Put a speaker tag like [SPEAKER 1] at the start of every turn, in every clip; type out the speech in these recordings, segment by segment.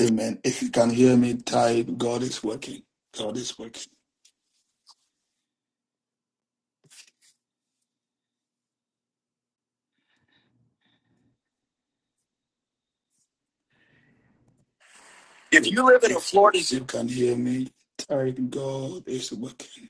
[SPEAKER 1] Amen. If you can hear me, type God is working. God is working. If you live in a Florida, if you can hear me, type God is working.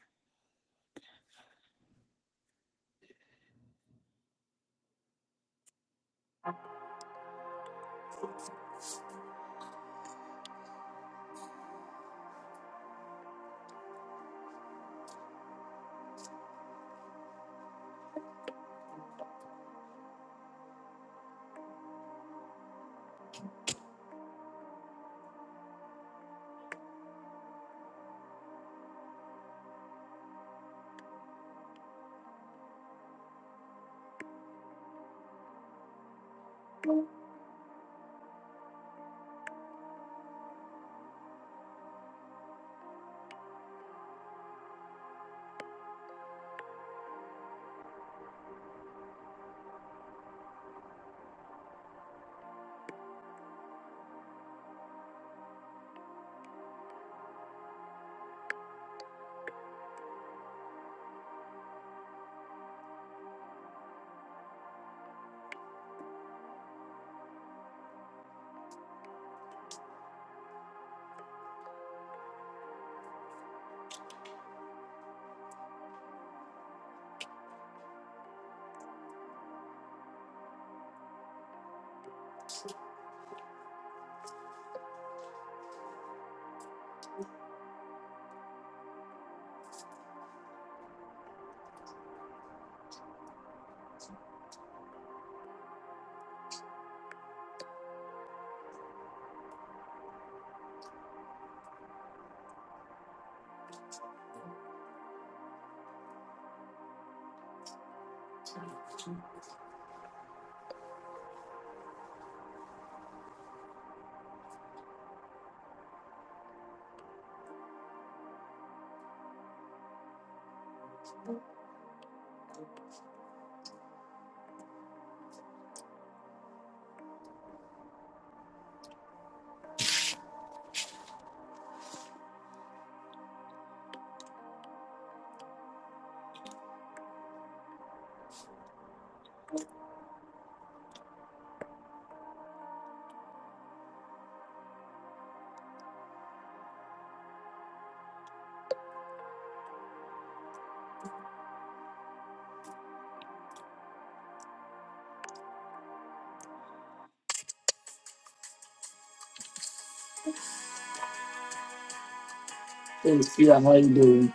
[SPEAKER 1] Hey, Skia, how you doing?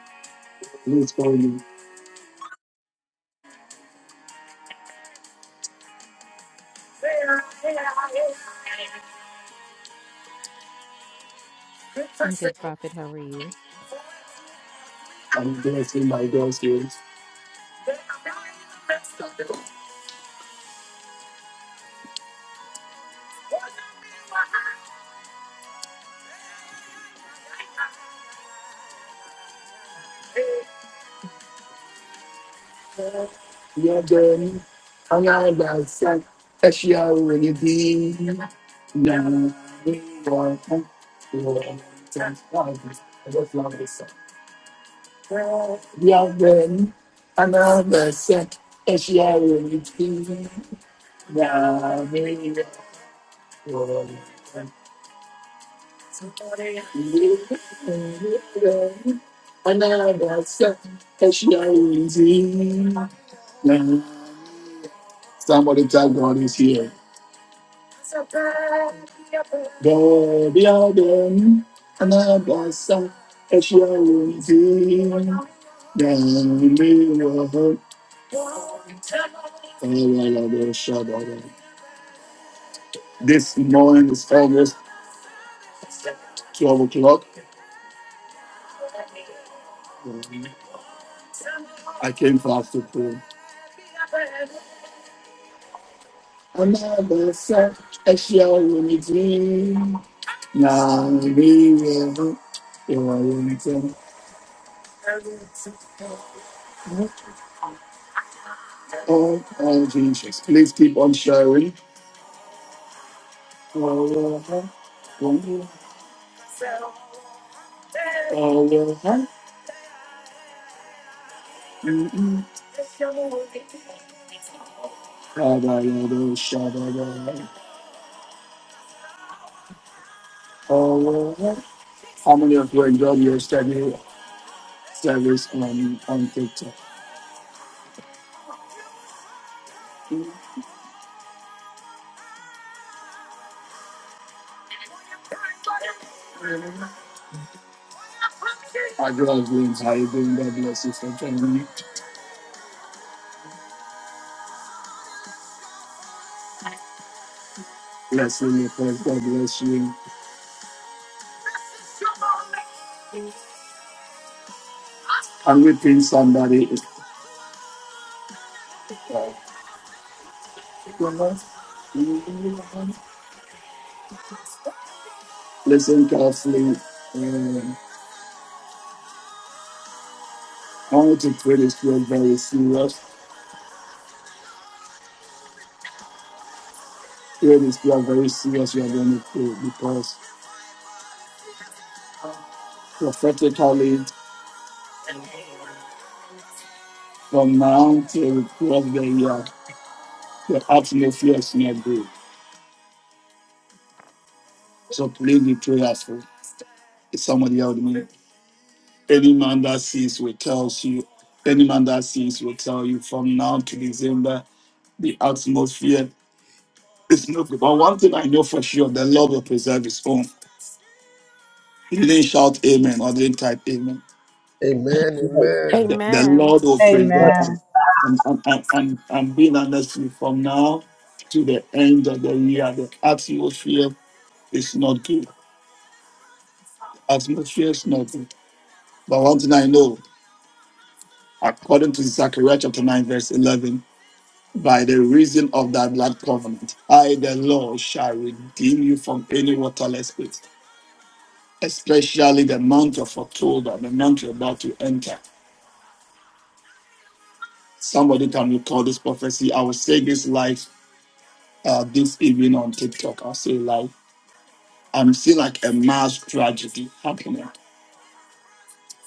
[SPEAKER 1] Please call you.
[SPEAKER 2] I'm good, Prophet. How are you?
[SPEAKER 1] I'm dancing my girl's grace. Yeah, then I'm not that sad. She already been now. We want to. I just love this Yahweh, another set is Yahweh, King, Yahweh, Lord, and Yahweh. another set is Yahweh, King, Somebody tell God is here. God, Yahweh, another set is Yahweh, King, Yahweh, Lord, and Yahweh, Shabbat. This morning is almost 12 o'clock. Um, I came fast to pray. Another set, a shell in the dream. Now we will return. Oh, oh, Jesus. Please keep on sharing. Oh, oh, oh, oh, oh, mm-mm. Rabbi, Rabbi, Shabbat, Rabbi. Oh, oh, oh. How many of you enjoyed your study service on, on TikTok? I bless you, how you doing? God bless you for joining. me. Bless you, my friend. God bless you. I'm repeating somebody. If you're Listen carefully. Um, I want to pray this prayer very serious. Pray this prayer very serious. You are going to pray because prophetically, from now till across the year, your atmosphere is not good. So please be prayerful. Is somebody out there? Any man that sins will tell you, any man that sins will tell you from now to December, the atmosphere is no good. But one thing I know for sure, the Lord will preserve his own. You didn't shout amen or didn't type amen.
[SPEAKER 3] Amen,
[SPEAKER 4] Amen.
[SPEAKER 3] amen.
[SPEAKER 1] The, the
[SPEAKER 5] Amen.
[SPEAKER 1] Lord will preserve and
[SPEAKER 6] Amen.
[SPEAKER 1] and, and, and, and and being honest with you, from now to the end of the year, the atmosphere is not good. Atmosphere is not good. But one thing I know, according to Zechariah chapter 9, verse 11. by the reason of thy blood covenant. I, the Lord, shall redeem you from any waterless pit, especially the month of October, the month you're about to enter. Somebody can recall this prophecy. I will say this live uh, this evening on TikTok. I'll say it live. I'm seeing like a mass tragedy happening.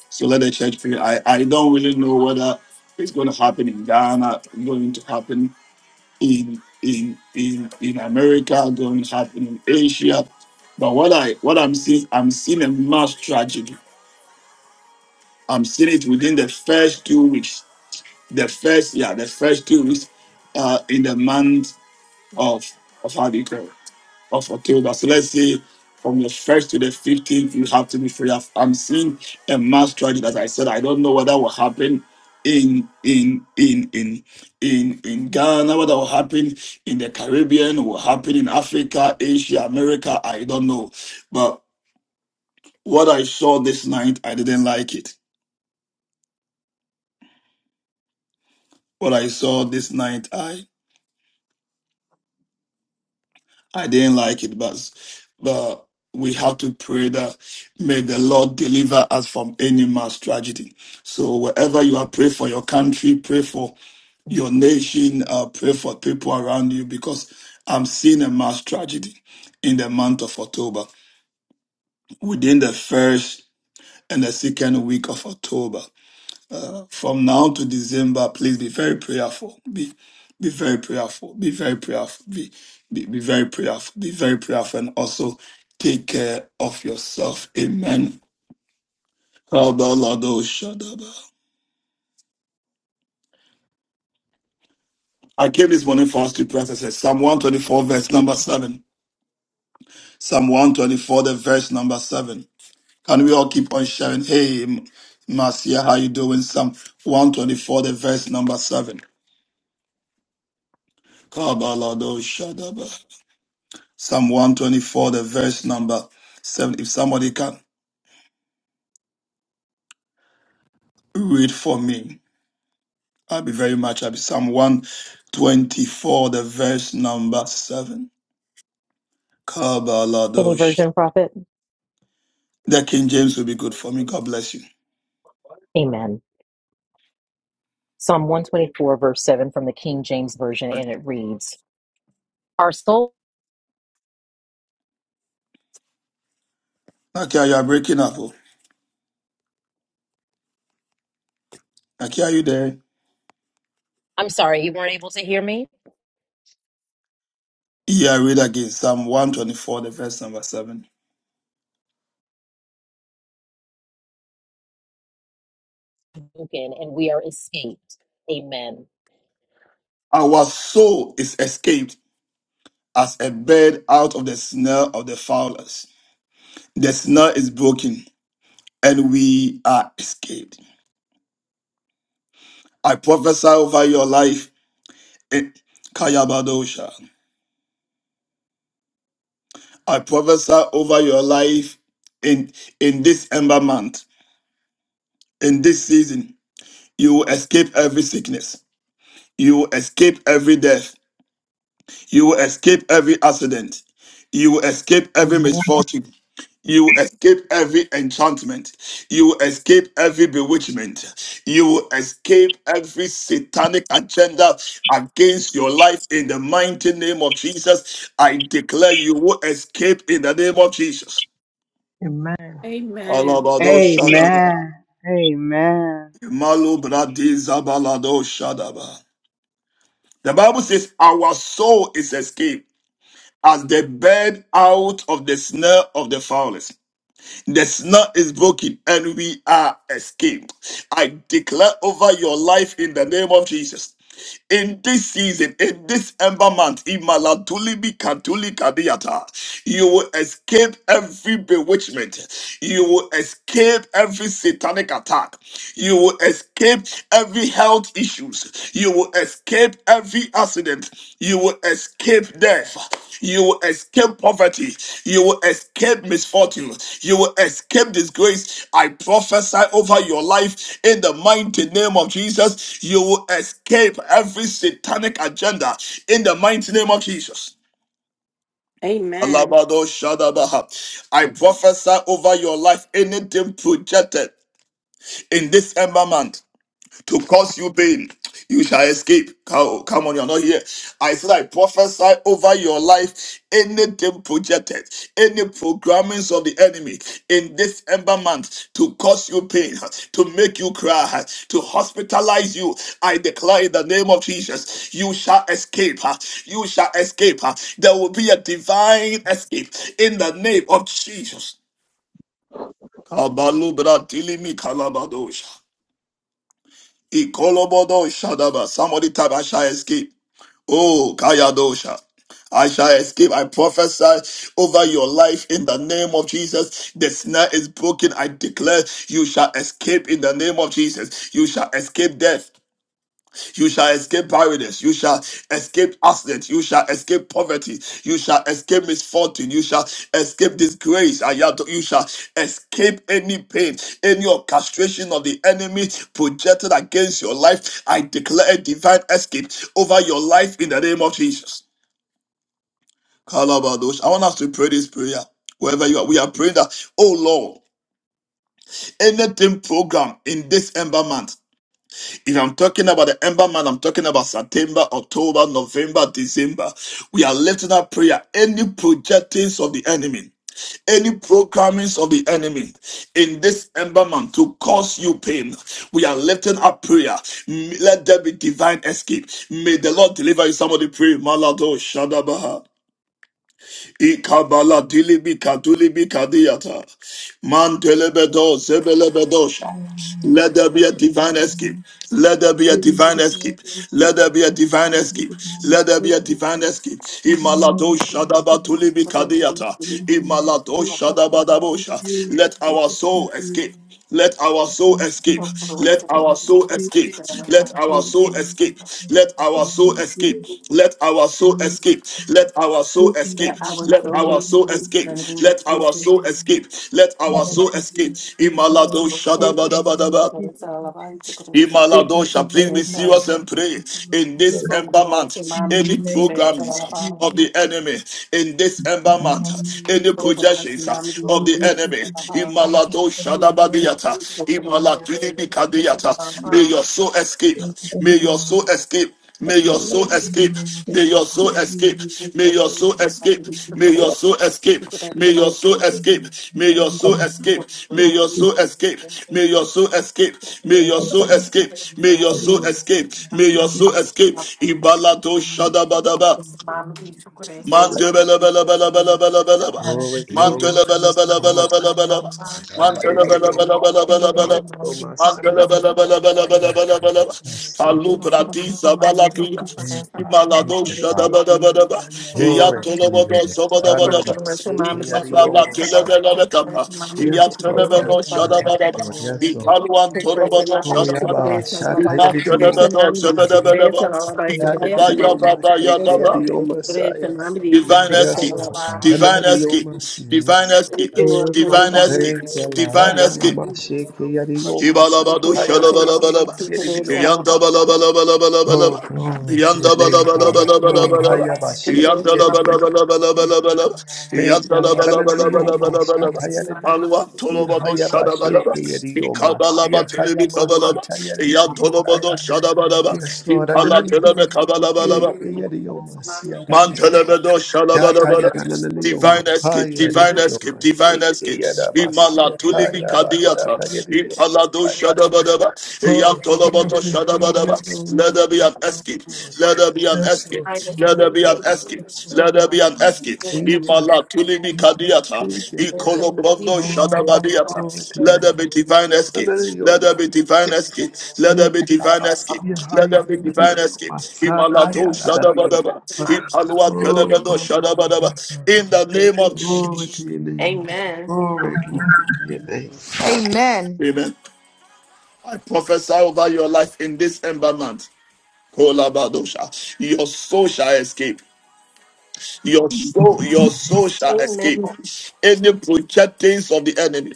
[SPEAKER 1] So let the church pray. I, I don't really know whether it's going to happen in Ghana, going to happen in in in in America, going to happen in Asia. But what I what I'm seeing, I'm seeing a mass tragedy. I'm seeing it within the first two weeks. The first yeah, the first two weeks uh, in the month of of Hanukkah of October. So let's say from the first to the fifteenth, you have to be free. I've- I'm seeing a mass tragedy. As I said, I don't know whether will happen in in in in in in Ghana, whether will happen in the Caribbean, will happen in Africa, Asia, America. I don't know, but what I saw this night, I didn't like it. What I saw this night, I didn't like it, but but we have to pray that may the Lord deliver us from any mass tragedy. So wherever you are, pray for your country, pray for your nation, uh, pray for people around you, because I'm seeing a mass tragedy in the month of October, within the first and the second week of October from now to December, please be very prayerful. Be be very prayerful. Be very prayerful. Be be, be very prayerful. Be very prayerful, and also take care of yourself. Amen. I came this morning for us to pray. as I said Psalm 124, verse number seven. Psalm 124, the verse number seven. Can we all keep on sharing? Hey, Marcia, how you doing? Psalm 124, the verse number seven. Kabalado shadaba. Psalm 124, the verse number 7. If somebody can read for me, I'll be very much happy. Psalm 124, the verse number 7.
[SPEAKER 2] Any
[SPEAKER 1] Kabaladosh.
[SPEAKER 2] version, prophet?
[SPEAKER 1] The King James will be good for me. God bless you.
[SPEAKER 2] Amen. Psalm 124, verse 7 from the King James Version, and it reads, Our soul,
[SPEAKER 1] Nakia, you are breaking up. Oh. Nakia, are you there?
[SPEAKER 2] I'm sorry, you weren't able to hear me?
[SPEAKER 1] Yeah, read again. Psalm 124, the verse number 7.
[SPEAKER 2] Broken, and we are escaped. Amen.
[SPEAKER 1] Our soul is escaped as a bird out of the snare of the fowlers. The snare is broken and we are escaped. I prophesy over your life in Kayabadosha. I prophesy over your life in in this ember month, in this season. You will escape every sickness. You will escape every death. You will escape every accident. You will escape every
[SPEAKER 4] Amen.
[SPEAKER 1] misfortune. You will escape every enchantment. You will escape every bewitchment. You will escape every satanic agenda against your life in the mighty name of Jesus. I declare you will escape in the name of Jesus.
[SPEAKER 4] Amen.
[SPEAKER 5] Amen.
[SPEAKER 1] Alabado Shadaba.
[SPEAKER 6] Amen. Amen.
[SPEAKER 1] Malu Bradi Zabalado Shadaba. The Bible says, Our soul is escaped. as the bird out of the snare of the fowlers. The snare is broken and we are escaped. I declare over your life in the name of Jesus. In this season, in this ember month, in Malatulibi Katuli Kadiata, you will escape every bewitchment. You will escape every satanic attack. You will escape every health issues. You will escape every accident. You will escape death. You will escape poverty. You will escape misfortune. You will escape disgrace. I prophesy over your life in the mighty name of Jesus. You will escape every satanic agenda in the mighty name of Jesus.
[SPEAKER 5] Amen.
[SPEAKER 1] Alabado Shadabaha. I
[SPEAKER 4] Mm.
[SPEAKER 1] prophesy over your life anything projected in this ember month to cause you pain. You shall escape. Come come on, you're not here. I said, I prophesy over your life anything projected, any programmings of the enemy in this ember month to cause you pain, to make you cry, to hospitalize you. I declare in the name of Jesus, you shall escape. You shall escape. There will be a divine escape in the name of Jesus. Kabalubra dilimi kalabadosha. Ikolobodo Shadaba. Somebody type, I shall escape. Oh, Kayadosha. I shall escape. I prophesy over your life in the name of Jesus. The snare is broken. I declare you shall escape in the name of Jesus. You shall escape death. You shall escape barrenness. You shall escape accident. You shall escape poverty. You shall escape misfortune. You shall escape disgrace. Ayato- You shall escape any pain, any orchestration of the enemy projected against your life. I declare a divine escape over your life in the name of Jesus. Kalabadosh. I want us to pray this prayer. Wherever you are, we are praying that, oh Lord, anything program in this ember month. If I'm talking about the ember month, I'm talking about September, October, November, December. We are lifting up prayer. Any projectings of the enemy, any programmings of the enemy in this ember month to cause you pain. We are lifting up prayer. M- Let there be divine escape. May the Lord deliver you. Somebody pray. Malado Shadabaha. Ikabala dilibi kadulibi kadiyata. Mantelebedo zebelebedosha. Let there be a divine escape. Let there be a divine escape. Let there be a divine escape. Let there be a divine escape. Imalado shadaba tulibi
[SPEAKER 5] Let
[SPEAKER 1] Imalado shadaba Let our soul escape. Let our soul escape. Let our soul escape. Let our soul escape. Let our soul escape. Let our soul escape. Let our soul escape.
[SPEAKER 5] our
[SPEAKER 1] Let
[SPEAKER 5] true
[SPEAKER 1] our soul
[SPEAKER 5] wisdom
[SPEAKER 1] escape.
[SPEAKER 5] and
[SPEAKER 1] Let our
[SPEAKER 5] maturity
[SPEAKER 1] soul escape. Let our soul escape.
[SPEAKER 5] please look for
[SPEAKER 1] Imalado
[SPEAKER 5] us and to put
[SPEAKER 1] shadabadabadaba.
[SPEAKER 5] us to put us about to
[SPEAKER 1] Imaladosha,
[SPEAKER 5] put
[SPEAKER 1] please be
[SPEAKER 5] us all
[SPEAKER 1] serious and pray in
[SPEAKER 5] we
[SPEAKER 1] this
[SPEAKER 5] so
[SPEAKER 1] ember
[SPEAKER 5] put us in
[SPEAKER 1] month.
[SPEAKER 5] my
[SPEAKER 1] Any
[SPEAKER 5] beliefs to put us all
[SPEAKER 1] programmings
[SPEAKER 5] about
[SPEAKER 1] of the enemy in this ember month,
[SPEAKER 5] we
[SPEAKER 1] any
[SPEAKER 5] so
[SPEAKER 1] projections of the enemy, Imaladosha Dababiata,
[SPEAKER 5] so
[SPEAKER 1] Imaladini Bikadiata, may your soul escape, may your soul escape. May your soul escape. May your soul escape. May
[SPEAKER 5] So,
[SPEAKER 1] your soul escape. May your soul escape. May your soul escape. May your soul escape. May your soul escape. May your soul escape. May your soul escape. May your soul escape. May your soul escape. Ibalado shadabadaba. Mantele bele bele bele bele bele ba.
[SPEAKER 3] Glory, glory,
[SPEAKER 1] Mantele bele bele bele
[SPEAKER 3] glory.
[SPEAKER 1] bele bele ba. Mantele bele
[SPEAKER 3] Hallelujah,
[SPEAKER 1] bele bele bele
[SPEAKER 3] Maria,
[SPEAKER 1] bele.
[SPEAKER 3] oh my
[SPEAKER 1] Mantele bele bele bele bele
[SPEAKER 3] Yes,
[SPEAKER 1] bele
[SPEAKER 3] Lord.
[SPEAKER 1] bele ba.
[SPEAKER 3] Yes,
[SPEAKER 1] Alu brati zabala tuya.
[SPEAKER 3] thank you, thank you, thank
[SPEAKER 1] Imalado
[SPEAKER 3] you, Father.
[SPEAKER 1] shada bele bele ba.
[SPEAKER 3] Glory to
[SPEAKER 1] Iyatolo
[SPEAKER 3] you,
[SPEAKER 1] bodo
[SPEAKER 3] Lord.
[SPEAKER 1] sabada bele
[SPEAKER 3] Anama,
[SPEAKER 1] ba.
[SPEAKER 3] Ekeyari, oh
[SPEAKER 1] Ikabala
[SPEAKER 3] my
[SPEAKER 1] tele
[SPEAKER 3] Savior.
[SPEAKER 1] bele bele ba.
[SPEAKER 3] Yes,
[SPEAKER 1] Iyatele
[SPEAKER 3] Lord, yes,
[SPEAKER 1] bele
[SPEAKER 3] Lord,
[SPEAKER 1] shada
[SPEAKER 3] yes,
[SPEAKER 1] bele ba.
[SPEAKER 3] Lord, yes, Lord.
[SPEAKER 1] Ikalu
[SPEAKER 5] Thank you,
[SPEAKER 1] antolo bodo
[SPEAKER 3] Oh,
[SPEAKER 1] shada bele
[SPEAKER 3] Yaba,
[SPEAKER 1] ba.
[SPEAKER 3] Shat, Hayari,
[SPEAKER 1] Imantele
[SPEAKER 3] oh my
[SPEAKER 1] bele shada
[SPEAKER 3] Savior.
[SPEAKER 1] bele ba.
[SPEAKER 3] Yes, Hayari,
[SPEAKER 1] Ikabaya
[SPEAKER 3] oh my
[SPEAKER 1] baba ya baba.
[SPEAKER 3] Ekeyari, oh my Savior.
[SPEAKER 1] Divine
[SPEAKER 3] Yes,
[SPEAKER 1] escape,
[SPEAKER 3] Lord.
[SPEAKER 1] divine
[SPEAKER 3] Hananari, oh
[SPEAKER 1] escape,
[SPEAKER 3] my
[SPEAKER 1] divine
[SPEAKER 3] Savior.
[SPEAKER 1] escape,
[SPEAKER 5] Lord, for
[SPEAKER 1] divine
[SPEAKER 5] divine.
[SPEAKER 1] escape,
[SPEAKER 3] Thank you, Lord.
[SPEAKER 1] divine escape. Ibalabado
[SPEAKER 3] Adonamashikeyariyomasihayabamakeridiyo.
[SPEAKER 1] shalabalabalaba,
[SPEAKER 3] Oh,
[SPEAKER 1] yandabalabalabalabalabalaba,
[SPEAKER 3] glory to your name, Father. Glory.
[SPEAKER 1] yandabalabalabalabalabalaba,
[SPEAKER 3] hayabashikeyaridiyo.
[SPEAKER 1] yandabalabalabalabalabalaba,
[SPEAKER 3] Thank you, Lord.
[SPEAKER 1] yandabalabalabalabalabalaba. Alwa tolobado shadabalaba, ikabalaba telebe kabalaba, yantolobado
[SPEAKER 3] Ananiyomashatayaridiyomasihayabasikeyaridiyomasihayamasihayamasatayaridiyomasaya.
[SPEAKER 1] shadabalaba,
[SPEAKER 3] Yes, Lord.
[SPEAKER 1] ipala telebe kabalabalaba. Mantelebado shalabadabada. Divine escape, divine escape, divine escape. Imala tulibi kadiyata. Ipalado
[SPEAKER 3] Hallelujah.
[SPEAKER 1] shadabadaba.
[SPEAKER 3] Oh,
[SPEAKER 1] Eyantolabado
[SPEAKER 3] glory, glory, glory,
[SPEAKER 1] shadabadaba.
[SPEAKER 3] glory,
[SPEAKER 1] Let there be
[SPEAKER 3] glory,
[SPEAKER 1] an
[SPEAKER 3] Lord.
[SPEAKER 1] escape. Let there be an
[SPEAKER 3] Yes,
[SPEAKER 1] escape.
[SPEAKER 3] Lord.
[SPEAKER 1] Let
[SPEAKER 3] Yes,
[SPEAKER 1] there be an escape.
[SPEAKER 3] yes, Lord.
[SPEAKER 1] Let there be an escape.
[SPEAKER 3] Thank you.
[SPEAKER 1] Imala tulimi
[SPEAKER 3] Thank you.
[SPEAKER 1] kadiata.
[SPEAKER 3] Thank you.
[SPEAKER 1] Ikolobrondo
[SPEAKER 3] Oh, glory
[SPEAKER 5] Thank
[SPEAKER 1] shadabadiata.
[SPEAKER 3] to your
[SPEAKER 1] Let
[SPEAKER 5] you.
[SPEAKER 1] there
[SPEAKER 3] name.
[SPEAKER 1] be divine escape. Let
[SPEAKER 3] Hallelujah.
[SPEAKER 1] there be divine escape. Let there
[SPEAKER 3] Thank
[SPEAKER 1] be
[SPEAKER 3] you,
[SPEAKER 1] divine
[SPEAKER 3] Abba.
[SPEAKER 1] escape.
[SPEAKER 3] Yeah,
[SPEAKER 1] Let there
[SPEAKER 3] higher
[SPEAKER 1] be divine escape. Imala to shadabadaba. Ipalua
[SPEAKER 3] Oh,
[SPEAKER 1] telebedo
[SPEAKER 3] glory to your name,
[SPEAKER 1] shadabadaba. In
[SPEAKER 3] Father.
[SPEAKER 1] the name of
[SPEAKER 3] Glory to
[SPEAKER 1] Jesus.
[SPEAKER 3] your name, Lord.
[SPEAKER 5] Amen.
[SPEAKER 3] Glory, glory to your name.
[SPEAKER 7] Amen.
[SPEAKER 1] Amen. I prophesy over your life in this ember month. Kolabadosha. Your soul shall escape. Your soul, your soul shall escape.
[SPEAKER 5] Amen.
[SPEAKER 1] Any projectings of the enemy,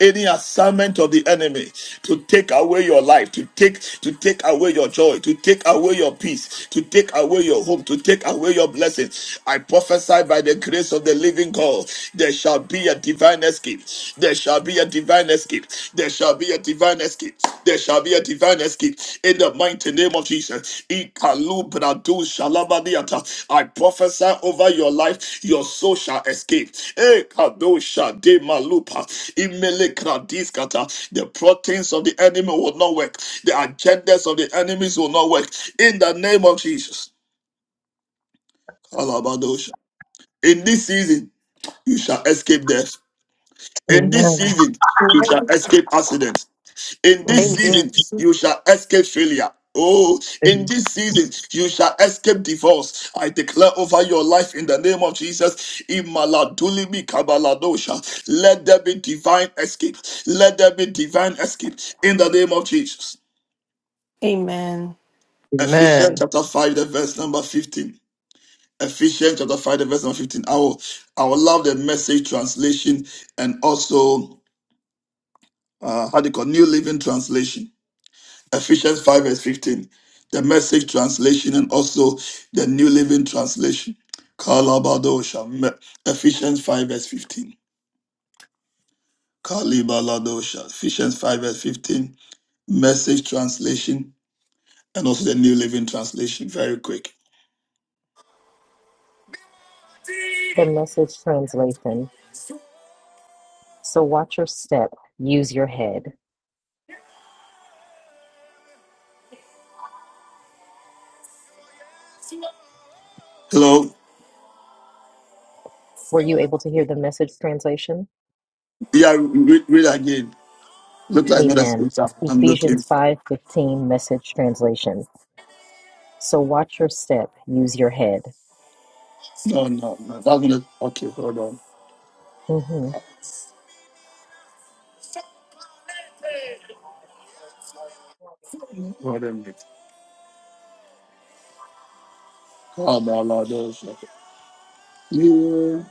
[SPEAKER 1] any assignment of the enemy to take away your life, to take to take away your joy, to take away your peace, to take away your home, to take away your blessing. I prophesy by the grace of the living God, there shall be a divine escape. There shall be a divine escape. There shall be a divine escape. There shall be a divine escape in the mighty name of Jesus. Ikalu bradu shalabadiata. I prophesy over your life, your soul shall escape. Ekadosha de malupa. Imele kradiskata. The proteins of the enemy will not work. The agendas of the enemies will not work. In the name of Jesus. Kalabadosha. In this season, you shall escape death. In this
[SPEAKER 4] Amen.
[SPEAKER 1] season, you shall
[SPEAKER 5] Amen.
[SPEAKER 1] escape accident. In this season, you shall escape failure. Oh, in this season, you shall escape divorce. I declare over your life in the name of Jesus. Imaladulimi kabaladosha. Let there be divine escape. Let there be divine escape in the name of Jesus.
[SPEAKER 5] Amen.
[SPEAKER 1] Ephesians chapter 5, the verse number 15. Ephesians chapter 5, the verse number 15. I will, I will love the message translation and also, uh, how do you call New Living Translation. Ephesians 5 verse 15, the message translation and also the New Living Translation. Kalabadosha, Me- Ephesians 5 verse 15. Kalibaladosha, Ephesians 5 verse 15, message translation and also the New Living Translation. Very quick.
[SPEAKER 2] The message translation. So watch your step, use your head.
[SPEAKER 1] Hello?
[SPEAKER 2] Were you able to hear the message translation?
[SPEAKER 1] Yeah, read, read again. Look like another
[SPEAKER 2] Amen.
[SPEAKER 1] scripture I'm looking
[SPEAKER 2] Ephesians
[SPEAKER 1] for.
[SPEAKER 2] 5 15 message translation. So watch your step, use your head.
[SPEAKER 1] No, no, no. That's not it. Okay, hold on.
[SPEAKER 2] hmm
[SPEAKER 1] Kalabaladosha. Yeah.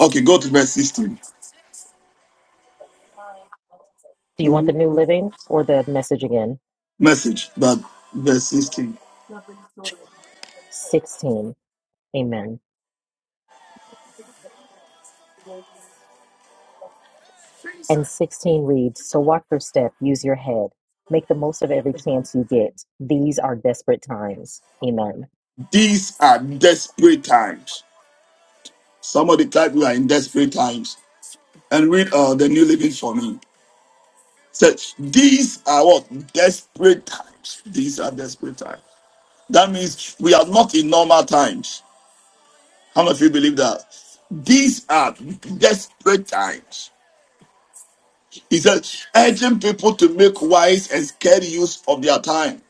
[SPEAKER 1] Okay, go to verse 16.
[SPEAKER 2] Do you want the New Living or the message again?
[SPEAKER 1] Message, but verse 16.
[SPEAKER 2] 16. Amen. And 16 reads So walk your step, use your head, make the most of every chance you get. These are desperate times. Amen.
[SPEAKER 1] These are desperate times. Somebody type we are in desperate times and read uh, the New Living for me. Such these are what desperate times. These are desperate times. That means we are not in normal times. How many of you believe that? These are desperate times. He said, urging people to make wise and scared use of their time.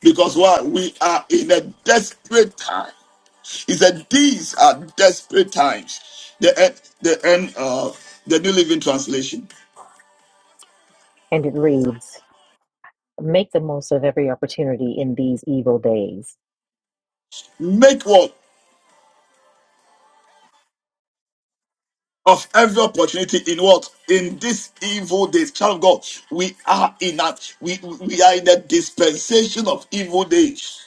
[SPEAKER 1] Because what? We are in a desperate time. He said, These are desperate times. The end, the end, uh, the New Living Translation.
[SPEAKER 2] And it reads, Make the most of every opportunity in these evil days.
[SPEAKER 1] Make what? Of every opportunity in what? In this evil days. Child of God, we are in that. We, we are in the dispensation of evil days.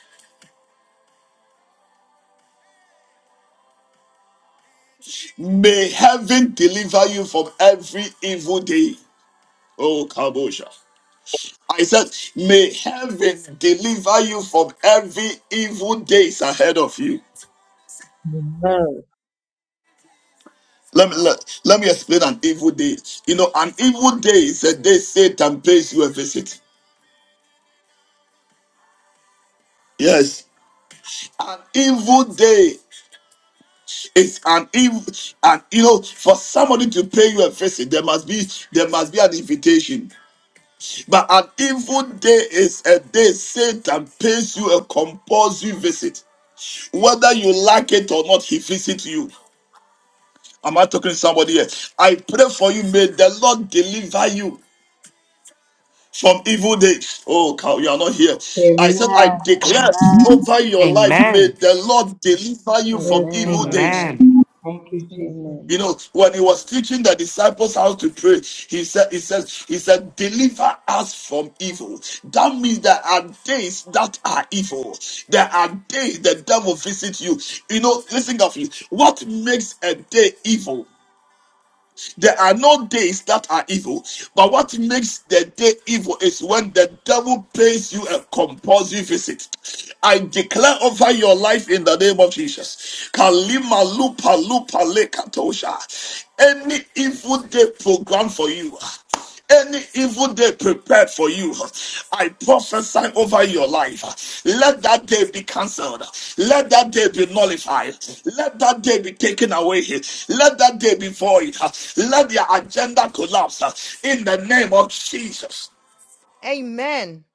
[SPEAKER 1] May heaven deliver you from every evil day. Oh, Kabosha. I said, may heaven deliver you from every evil days ahead of you.
[SPEAKER 4] Amen.
[SPEAKER 1] Let me let, let me explain an evil day. You know, an evil day is a day Satan pays you a visit. Yes. An evil day is an evil and you know for somebody to pay you a visit, there must be there must be an invitation. But an evil day is a day Satan pays you a compulsory visit. Whether you like it or not, he visits you. Am I talking to somebody here? I pray for you. May the Lord deliver you. from evil days. Oh, cow, you are not here. I said, I declare over your life, may
[SPEAKER 8] Amen.
[SPEAKER 1] the Lord deliver you from evil days.
[SPEAKER 8] Amen.
[SPEAKER 9] Amen. Amen.
[SPEAKER 1] You know, when he was teaching the disciples how to pray, he said, he says, he said, deliver us from evil. That means there are days that are evil. There are days the devil visits you. You know, listen carefully. What makes a day evil? There are no days that are evil, but what makes the day evil is when the devil pays you a compulsory visit. I declare over your life in the name of Jesus. Kalima lupa lupa lekatosha. Any evil day programmed for you. Any evil day prepared for you, I prophesy over your life. Let that day be cancelled. Let that day be nullified. Let that day be taken away. Let that day be void. Let their agenda collapse in the name of Jesus.
[SPEAKER 7] Amen.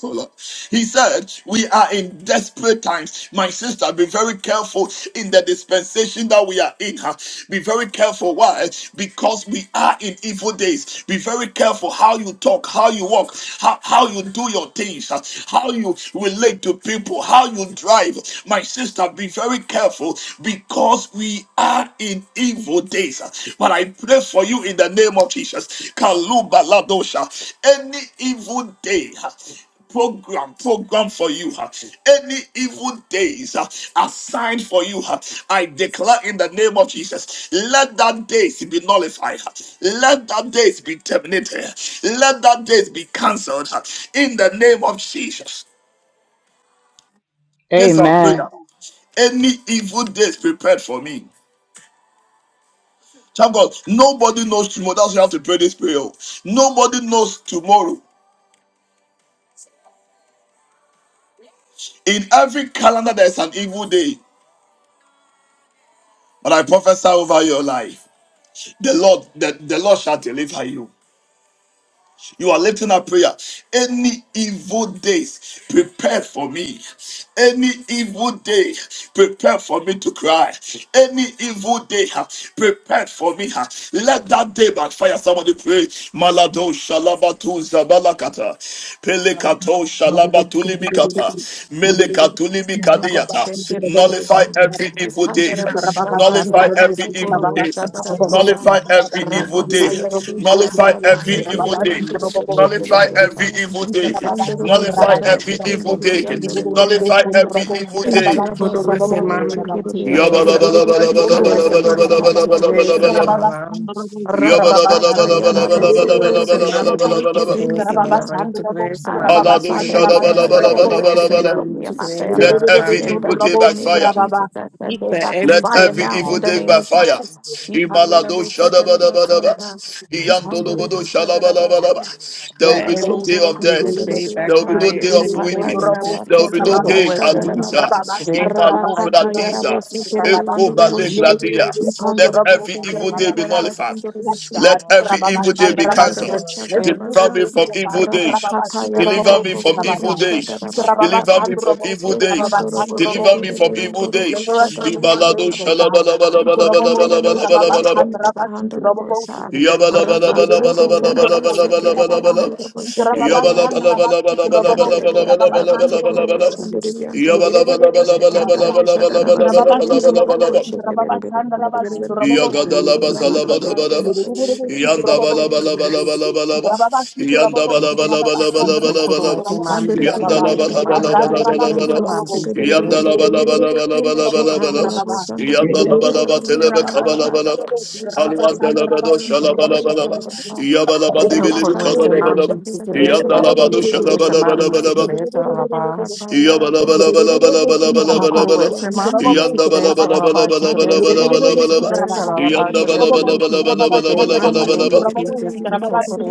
[SPEAKER 1] Hold up. He said, We are in desperate times. My sister, be very careful in the dispensation that we are in. huh? Be very careful. Why? Because we are in evil days. Be very careful how you talk, how you walk, how, how you do your things, huh? how you relate to people, how you drive. My sister, be very careful because we are in evil days. huh? But I pray for you in the name of Jesus. Kaluba Ladosha. Any evil day. huh? program program for you huh? any evil days huh, assigned for you huh, i declare in the name of jesus let that days be nullified huh? let that days be terminated uh, let that days be cancelled huh? in the name of jesus this is our prayer
[SPEAKER 6] Amen.
[SPEAKER 1] any evil days prepared for me. Thank God, nobody knows tomorrow. That's why you have to pray this prayer. oh. Nobody knows tomorrow. In every calendar, there's an evil day. But I prophesy over your life. the Lord, the, the Lord shall deliver you. You are lifting up prayer. Any evil days prepared for me. Any evil day prepared for me to cry. Any evil day ha, prepared for me. ha. Let that day backfire. Somebody pray. Malado shalabatu zabalakata.
[SPEAKER 10] Rababa
[SPEAKER 1] Pelekato Tulibikata, Meleka Tulibikadiata. Nullify
[SPEAKER 11] Robo-shake-it-bit-a.
[SPEAKER 1] every evil day. Nullify every evil day.
[SPEAKER 11] Andarabu-shaka-yarabasu-kurubu-shadarabasa.
[SPEAKER 1] Nullify every evil day. Nullify every evil day. Nullify every
[SPEAKER 11] Rabaka-yarabu-shadarabasu-kiribi-andiribu-shikiribi-ata.
[SPEAKER 1] evil day. Nullify every evil day. Nullify every
[SPEAKER 11] Ikandarubu-shetelakipendiribi-andarubu-shatayaraba.
[SPEAKER 1] evil day.
[SPEAKER 5] Egypt for the West and Mama to the West
[SPEAKER 11] Rabasu-kurubu-shikiribi-ata.
[SPEAKER 5] and I'm
[SPEAKER 10] Baba
[SPEAKER 5] like to the West and Mama to the West and
[SPEAKER 1] Yabalabalabalabalabalabalabalabalabalabalabalabalabalaba.
[SPEAKER 5] I'm
[SPEAKER 11] Ikandarubu-shakiribi-andarabu-shandarabasa.
[SPEAKER 5] like
[SPEAKER 11] Rabakata
[SPEAKER 5] Egypt for
[SPEAKER 11] Yarabaso
[SPEAKER 5] the West
[SPEAKER 11] Kurobo
[SPEAKER 5] and Mama to
[SPEAKER 11] Shetaniki
[SPEAKER 1] Yabalabalabalabalabalabalabalabalabalaba.
[SPEAKER 5] the
[SPEAKER 11] Pindi
[SPEAKER 5] West and I'm like
[SPEAKER 11] Bianca.
[SPEAKER 5] to the West and
[SPEAKER 11] I
[SPEAKER 5] Mama to
[SPEAKER 1] Alado
[SPEAKER 11] nullify
[SPEAKER 5] the
[SPEAKER 11] every
[SPEAKER 5] West and I'm
[SPEAKER 11] evil
[SPEAKER 5] like to
[SPEAKER 11] day
[SPEAKER 5] the
[SPEAKER 11] that's
[SPEAKER 5] West and
[SPEAKER 11] meant for
[SPEAKER 1] shalabalabalabalabalabalaba.
[SPEAKER 5] Mama
[SPEAKER 11] me
[SPEAKER 5] to
[SPEAKER 11] and
[SPEAKER 5] the
[SPEAKER 11] my
[SPEAKER 5] West and
[SPEAKER 11] family.
[SPEAKER 1] Let
[SPEAKER 5] I'm
[SPEAKER 1] every
[SPEAKER 11] In
[SPEAKER 5] like
[SPEAKER 1] evil
[SPEAKER 11] the
[SPEAKER 1] day
[SPEAKER 11] mighty
[SPEAKER 1] by
[SPEAKER 11] name of
[SPEAKER 1] fire.
[SPEAKER 11] Jesus, that, that they
[SPEAKER 5] that every
[SPEAKER 1] Let
[SPEAKER 11] backfire
[SPEAKER 1] every
[SPEAKER 11] now in
[SPEAKER 1] evil
[SPEAKER 11] the
[SPEAKER 1] day
[SPEAKER 11] name
[SPEAKER 1] by
[SPEAKER 11] of
[SPEAKER 1] fire.
[SPEAKER 11] Jesus.
[SPEAKER 1] Imalado
[SPEAKER 11] Ikayarabo
[SPEAKER 1] shadabadabadaba.
[SPEAKER 11] Sakarabasanda.
[SPEAKER 1] Iyandolobodo
[SPEAKER 11] Ikandorobo Shadarabasanda.
[SPEAKER 1] shalabalabadaba. There will
[SPEAKER 5] that
[SPEAKER 1] be no
[SPEAKER 11] Rabaso
[SPEAKER 5] every
[SPEAKER 1] day of
[SPEAKER 11] Kurobo
[SPEAKER 10] Yes,
[SPEAKER 5] evil day
[SPEAKER 1] death. There will be
[SPEAKER 11] Shedebiata.
[SPEAKER 1] no
[SPEAKER 5] backfire
[SPEAKER 1] day
[SPEAKER 5] in the
[SPEAKER 1] of
[SPEAKER 5] name of
[SPEAKER 10] God.
[SPEAKER 1] weeping.
[SPEAKER 11] Ipata
[SPEAKER 5] Jesus.
[SPEAKER 1] There will
[SPEAKER 11] Yarabaso
[SPEAKER 1] be
[SPEAKER 5] Egypt
[SPEAKER 1] no
[SPEAKER 5] for the
[SPEAKER 1] day
[SPEAKER 5] West and
[SPEAKER 1] katusha.
[SPEAKER 5] Mama
[SPEAKER 11] Kurabashada
[SPEAKER 5] to the West and I'm
[SPEAKER 1] Imalu
[SPEAKER 5] like to
[SPEAKER 11] Rabakata
[SPEAKER 5] the
[SPEAKER 1] bratisa.
[SPEAKER 11] Yarabo Sekerebe
[SPEAKER 1] Eko bale let
[SPEAKER 11] Ipandora
[SPEAKER 1] every
[SPEAKER 11] bochekere
[SPEAKER 1] evil day be
[SPEAKER 11] beadara
[SPEAKER 1] nullified.
[SPEAKER 11] basindere bochi.
[SPEAKER 1] Let every
[SPEAKER 10] Rababa
[SPEAKER 1] evil day be
[SPEAKER 10] Sandraba
[SPEAKER 11] Shekandara
[SPEAKER 10] Sigrid.
[SPEAKER 1] cancelled.
[SPEAKER 11] bochadara
[SPEAKER 5] rest.
[SPEAKER 10] Every evil
[SPEAKER 1] Deliver
[SPEAKER 11] basa.
[SPEAKER 1] me
[SPEAKER 10] doing on
[SPEAKER 1] from
[SPEAKER 10] the
[SPEAKER 1] evil
[SPEAKER 10] side.
[SPEAKER 1] days.
[SPEAKER 10] Rababa
[SPEAKER 11] Rabakata
[SPEAKER 1] Deliver
[SPEAKER 11] yaraba
[SPEAKER 10] Sigrabo
[SPEAKER 1] me from
[SPEAKER 11] kokoro
[SPEAKER 1] evil
[SPEAKER 10] Sigrababa.
[SPEAKER 11] bochadara
[SPEAKER 1] days.
[SPEAKER 10] Rababa
[SPEAKER 1] Deliver me
[SPEAKER 11] babaraba.
[SPEAKER 1] from
[SPEAKER 10] Sandrobo
[SPEAKER 1] evil
[SPEAKER 10] Sigrababa
[SPEAKER 11] Yetandoro
[SPEAKER 1] days.
[SPEAKER 10] Sandrobo
[SPEAKER 1] Deliver me
[SPEAKER 11] bochekere
[SPEAKER 1] from
[SPEAKER 10] Sigrid.
[SPEAKER 1] evil
[SPEAKER 11] beandoro
[SPEAKER 10] Deliver us
[SPEAKER 1] days.
[SPEAKER 10] from
[SPEAKER 11] bochadara
[SPEAKER 10] evil
[SPEAKER 1] Ibalado
[SPEAKER 10] days, O
[SPEAKER 11] babaraba.
[SPEAKER 10] God.
[SPEAKER 11] Rabaka
[SPEAKER 10] Rababo Sigrababa
[SPEAKER 1] shalabalabalabalabalabalabalabalabalaba.
[SPEAKER 10] Sandraba Sigrabo Sigrid. Rababa Sikrababa Sandraba Sigrababa.
[SPEAKER 1] Yabalabalabalabalabalabalabalabalabalaba.
[SPEAKER 10] Rababasand Rabasti Robo, Rababasand Robo,
[SPEAKER 1] Yabalabalabalabalabalabalabalabalabalabalabalaba.
[SPEAKER 10] Rababa Rababasti Robo,
[SPEAKER 1] Yabalabalabalabalabalabalabalaba.
[SPEAKER 10] Rababasand Rabasti Robo, Robo,
[SPEAKER 5] Deliver
[SPEAKER 1] Yagadalaba salabalabalaba.
[SPEAKER 10] Rababasti Robo,
[SPEAKER 1] Yandabalabalabalabalabalaba.
[SPEAKER 10] Rababasand Rabasti Robo,
[SPEAKER 1] Yandabalabalabalabalabalaba.
[SPEAKER 10] Rababa, Bastand Rabasti
[SPEAKER 1] Yandalabalabalabalabalabalaba.
[SPEAKER 10] Robo, Robo,
[SPEAKER 1] Yandalabalabalabalabalabalaba.
[SPEAKER 10] Rababa.
[SPEAKER 4] Break that
[SPEAKER 1] Yandalabalaba telebe
[SPEAKER 10] Rababasti
[SPEAKER 1] kabalabalaba.
[SPEAKER 10] Rababasti Robo,
[SPEAKER 11] Pandere
[SPEAKER 10] Rababasand
[SPEAKER 11] kabara
[SPEAKER 1] Alwandalabado
[SPEAKER 10] Rabasti
[SPEAKER 11] bara
[SPEAKER 1] shalabalabalaba.
[SPEAKER 10] Robo, Baba
[SPEAKER 4] power
[SPEAKER 1] Yabalabadibilibi kabalabalaba. Yandalabado shalabalabalaba. Yanda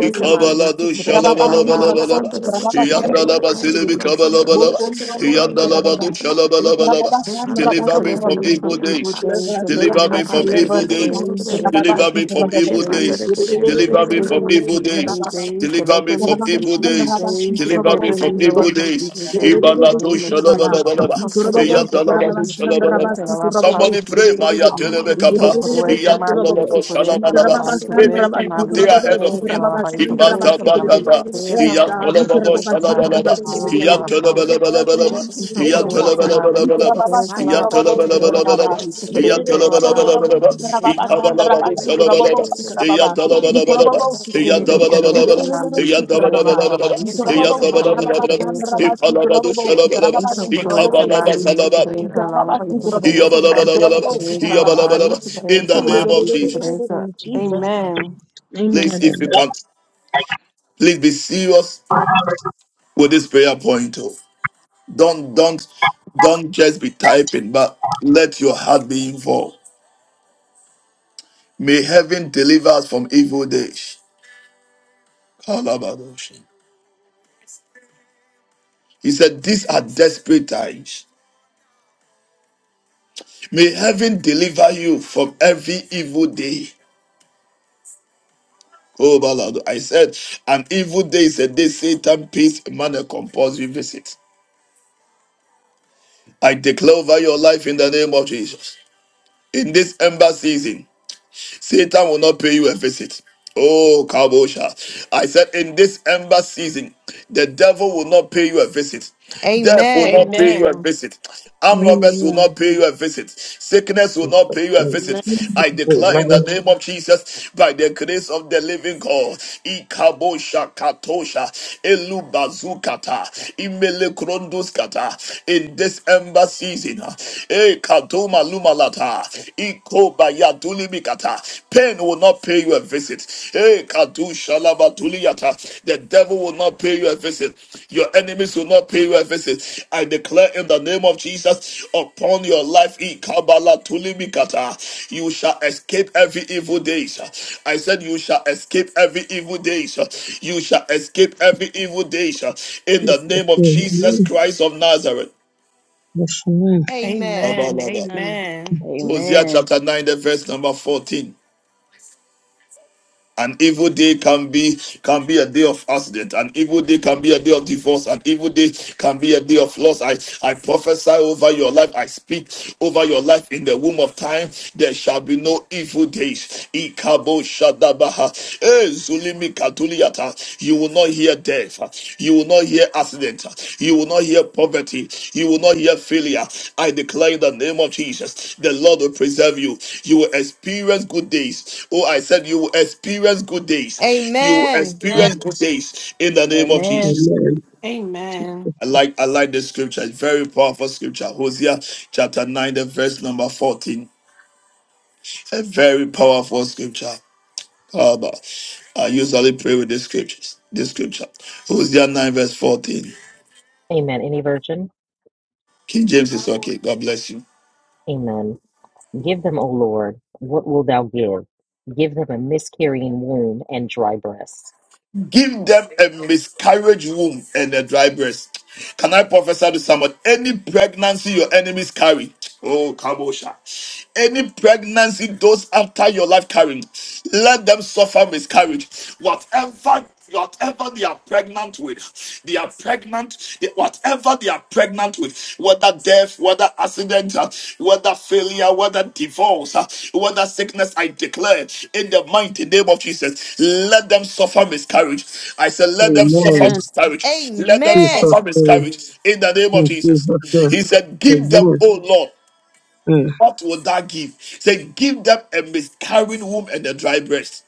[SPEAKER 1] Ikabalado shalabalabalaba. Yandalaba zilibi kabalabalaba. Yandalabado shalabalabalaba. Deliver
[SPEAKER 11] bara
[SPEAKER 1] me from
[SPEAKER 5] me
[SPEAKER 1] evil
[SPEAKER 5] from
[SPEAKER 11] bara
[SPEAKER 5] evil
[SPEAKER 11] bara.
[SPEAKER 10] Deliver
[SPEAKER 1] days.
[SPEAKER 5] days
[SPEAKER 10] us,
[SPEAKER 5] and the
[SPEAKER 1] Deliver
[SPEAKER 10] deliver
[SPEAKER 11] Ipaka
[SPEAKER 5] name
[SPEAKER 1] me
[SPEAKER 5] of
[SPEAKER 10] us,
[SPEAKER 5] Jesus. Each Deliver me from evil days, deliver
[SPEAKER 1] from
[SPEAKER 5] me from
[SPEAKER 11] pandere
[SPEAKER 10] deliver
[SPEAKER 1] evil
[SPEAKER 10] us.
[SPEAKER 5] evil
[SPEAKER 11] kebere
[SPEAKER 10] Come
[SPEAKER 11] bere
[SPEAKER 1] days.
[SPEAKER 10] on,
[SPEAKER 11] bere
[SPEAKER 5] days,
[SPEAKER 10] get
[SPEAKER 11] bere
[SPEAKER 10] a
[SPEAKER 11] bere
[SPEAKER 5] deliver
[SPEAKER 10] baba,
[SPEAKER 11] bere.
[SPEAKER 5] me
[SPEAKER 1] Deliver me
[SPEAKER 5] from
[SPEAKER 10] get a
[SPEAKER 1] from
[SPEAKER 5] evil
[SPEAKER 10] baba.
[SPEAKER 1] evil
[SPEAKER 11] Shepard,
[SPEAKER 5] days,
[SPEAKER 10] Get a
[SPEAKER 1] days.
[SPEAKER 10] baba, get
[SPEAKER 1] Deliver
[SPEAKER 10] a
[SPEAKER 1] me
[SPEAKER 5] Deliver
[SPEAKER 1] from
[SPEAKER 10] baba,
[SPEAKER 5] me
[SPEAKER 1] evil
[SPEAKER 5] from
[SPEAKER 10] get a
[SPEAKER 5] evil
[SPEAKER 10] baba.
[SPEAKER 1] days.
[SPEAKER 5] days.
[SPEAKER 1] Deliver me
[SPEAKER 5] Deliver
[SPEAKER 10] Get a
[SPEAKER 1] from
[SPEAKER 5] me
[SPEAKER 10] baba,
[SPEAKER 5] from
[SPEAKER 1] evil
[SPEAKER 10] get
[SPEAKER 5] evil
[SPEAKER 1] days.
[SPEAKER 5] days.
[SPEAKER 10] a
[SPEAKER 1] Deliver me
[SPEAKER 10] baba,
[SPEAKER 5] Deliver me,
[SPEAKER 1] from
[SPEAKER 10] get a
[SPEAKER 1] evil
[SPEAKER 10] baba.
[SPEAKER 5] Lord, from evil
[SPEAKER 1] days.
[SPEAKER 10] Yes,
[SPEAKER 5] days.
[SPEAKER 10] God.
[SPEAKER 5] In the
[SPEAKER 1] Ibalato
[SPEAKER 5] name of Jesus. Então,
[SPEAKER 1] shalabalabalaba.
[SPEAKER 10] We
[SPEAKER 5] por
[SPEAKER 10] could have
[SPEAKER 5] oeste,
[SPEAKER 10] a son,
[SPEAKER 1] Yandalabado
[SPEAKER 10] Rabba,
[SPEAKER 5] mami, te curete,
[SPEAKER 1] shalabalabalaba.
[SPEAKER 5] alabá.
[SPEAKER 1] Somebody pray, Maya telebe
[SPEAKER 5] Então, por
[SPEAKER 1] kapa.
[SPEAKER 5] oeste, mami,
[SPEAKER 1] Iyantolobabo
[SPEAKER 5] te curete,
[SPEAKER 1] shalabalaba.
[SPEAKER 5] alabá, te curete,
[SPEAKER 1] Anything good
[SPEAKER 5] mami,
[SPEAKER 1] day
[SPEAKER 5] te
[SPEAKER 1] ahead of
[SPEAKER 5] curete,
[SPEAKER 1] him.
[SPEAKER 5] alabá, te curete, mami,
[SPEAKER 1] Imatabadaba.
[SPEAKER 5] te curete, alabá, te
[SPEAKER 1] Iyantolobabo
[SPEAKER 5] curete, mami,
[SPEAKER 1] shalabalaba.
[SPEAKER 5] te curete, alabá.
[SPEAKER 10] and therefore us in the
[SPEAKER 1] Iyantolobalabalaba.
[SPEAKER 10] name of the
[SPEAKER 5] Então,
[SPEAKER 10] day,
[SPEAKER 5] por
[SPEAKER 10] O God.
[SPEAKER 5] oeste,
[SPEAKER 10] We
[SPEAKER 5] mami,
[SPEAKER 10] could
[SPEAKER 5] te
[SPEAKER 10] have
[SPEAKER 1] Iyantolobalabalaba.
[SPEAKER 10] a
[SPEAKER 5] curete,
[SPEAKER 10] son,
[SPEAKER 5] alabá,
[SPEAKER 10] Rabba,
[SPEAKER 5] te
[SPEAKER 10] we could have
[SPEAKER 5] curete,
[SPEAKER 10] a
[SPEAKER 1] Iyantolobalabalaba.
[SPEAKER 10] son.
[SPEAKER 5] mami, te
[SPEAKER 10] You did
[SPEAKER 5] curete,
[SPEAKER 10] it, it son,
[SPEAKER 5] alabá.
[SPEAKER 10] Rabba,
[SPEAKER 1] Iyantolobalabalaba.
[SPEAKER 10] we could have a son, Rabba,
[SPEAKER 1] Ikabalababo
[SPEAKER 10] we could have a son, Rabba,
[SPEAKER 1] shalabalaba.
[SPEAKER 10] we could have a son.
[SPEAKER 4] in
[SPEAKER 10] You could have
[SPEAKER 1] Iyantolobalabalaba.
[SPEAKER 10] a son, you
[SPEAKER 5] Então,
[SPEAKER 11] Amen.
[SPEAKER 4] you.
[SPEAKER 5] por
[SPEAKER 10] could have
[SPEAKER 5] oeste,
[SPEAKER 1] Iyantolobalabalaba.
[SPEAKER 10] a
[SPEAKER 5] mami, te
[SPEAKER 10] son,
[SPEAKER 5] curete,
[SPEAKER 10] Rabba.
[SPEAKER 5] alabá,
[SPEAKER 1] Iyantolobalabalaba.
[SPEAKER 5] te curete, mami, te
[SPEAKER 1] Iyantolobalabalaba.
[SPEAKER 5] curete,
[SPEAKER 1] Ipalabado shalabalaba.
[SPEAKER 5] Isokoroese
[SPEAKER 1] Ikabalaba
[SPEAKER 5] mabichi
[SPEAKER 1] salaba.
[SPEAKER 5] kuresa lalabaisi kuresa mabichi
[SPEAKER 1] Iyabalabalaba,
[SPEAKER 5] kuresa
[SPEAKER 10] Jesus.
[SPEAKER 1] iyabalabalaba.
[SPEAKER 5] lalabaisi
[SPEAKER 1] In the
[SPEAKER 5] kuresa
[SPEAKER 1] name of
[SPEAKER 5] mabichi
[SPEAKER 1] Jesus.
[SPEAKER 5] kuresa. Amen.
[SPEAKER 1] Please,
[SPEAKER 10] Amen.
[SPEAKER 1] if you
[SPEAKER 4] Amen.
[SPEAKER 1] can, please be serious with this prayer point. oh. Don't, don't, don't just be typing, but let your heart be involved. May heaven deliver us from evil days. Kalabadoshi. He said, These are desperate times. May heaven deliver you from every evil day. Oh, Balado. I said, An evil day is a day Satan pays man a compulsory visit. I declare over your life in the name of Jesus. In this ember season, Satan will not pay you a visit. Oh, Kabosha. I said, in this ember season, the devil will not pay you a visit. Death will
[SPEAKER 7] Amen.
[SPEAKER 1] not
[SPEAKER 10] Amen.
[SPEAKER 1] pay you a
[SPEAKER 5] Amen.
[SPEAKER 1] visit. Armed robbers will
[SPEAKER 10] Amen.
[SPEAKER 1] not pay you a visit. Sickness will not
[SPEAKER 4] Jesus'
[SPEAKER 1] pay you a
[SPEAKER 4] name.
[SPEAKER 1] visit.
[SPEAKER 10] Amen.
[SPEAKER 1] I declare in the name
[SPEAKER 4] Amen.
[SPEAKER 1] of Jesus, by the grace of the living God, Ikabosha Katosha, Elubazukata, Imele Kronduskata, in this ember season, eh Katoma. Lumalata, Ikobaya mikata. Pain will not pay you a visit. Hey, Kadu Shalaba Duliyata. The devil will not pay you a visit. Your enemies will not pay you a visit. I declare in the name of Jesus upon your life, Ikabala tuli mikata. you shall escape every evil days. I said, You shall escape every evil days. You shall escape every evil days in the
[SPEAKER 4] Jesus'
[SPEAKER 1] name of Jesus
[SPEAKER 4] name.
[SPEAKER 1] Christ of Nazareth.
[SPEAKER 4] Yes, amen.
[SPEAKER 7] Amen.
[SPEAKER 5] Amen.
[SPEAKER 1] Abalaba.
[SPEAKER 10] Amen.
[SPEAKER 5] Amen.
[SPEAKER 1] Hosea
[SPEAKER 9] Amen.
[SPEAKER 1] chapter 9, the verse number 14. An evil day can be can be a day of accident. An evil day can be a day of divorce. An evil day can be a day of loss. I, I prophesy over your life. I speak over your life in the womb of time. There shall be no evil days. Ikabo Shadabaha. Eh, Zulimi Katuliyata. You will not hear death. You will not hear accident. You will not hear poverty. You will not hear failure. I declare in the name of Jesus, the Lord will preserve you. You will experience good days. Oh, I said you will experience good days. You will
[SPEAKER 7] Amen.
[SPEAKER 10] Amen.
[SPEAKER 1] experience good days in the name of
[SPEAKER 9] Amen.
[SPEAKER 1] Jesus.
[SPEAKER 4] Amen.
[SPEAKER 5] Amen.
[SPEAKER 1] I like I like this scripture. It's very powerful scripture. Hosea chapter 9, the verse number 14. A very powerful scripture. How I usually pray with this scriptures? This scripture. Hosea 9, verse 14.
[SPEAKER 2] Amen. Any virgin?
[SPEAKER 1] King James is okay. God bless you.
[SPEAKER 2] Amen. Give them, O Lord, what wilt thou give? Give them a miscarrying womb and dry breasts.
[SPEAKER 1] Give them a miscarriage womb and a dry breast. Can I prophesy to someone? Any pregnancy your enemies carry. Oh, Kabosha. Any pregnancy those after your life carrying, let them suffer miscarriage. Whatever whatever they are pregnant with, they are pregnant. Whatever they are pregnant with, whether death, whether accident, uh, whether failure, whether divorce, uh, whether sickness, I declare in the mighty name of Jesus, let them suffer miscarriage. I said, let them suffer
[SPEAKER 10] Amen.
[SPEAKER 4] Amen.
[SPEAKER 1] miscarriage. Let them
[SPEAKER 4] Jesus'
[SPEAKER 1] suffer
[SPEAKER 7] Amen.
[SPEAKER 4] name.
[SPEAKER 1] miscarriage in the name of
[SPEAKER 4] In
[SPEAKER 1] Jesus.
[SPEAKER 4] Jesus' name.
[SPEAKER 10] Jesus.
[SPEAKER 1] He said, give them,
[SPEAKER 4] Amen.
[SPEAKER 1] oh Lord,
[SPEAKER 4] Mm.
[SPEAKER 1] what will that give? He said, give them a miscarrying womb and a dry breast.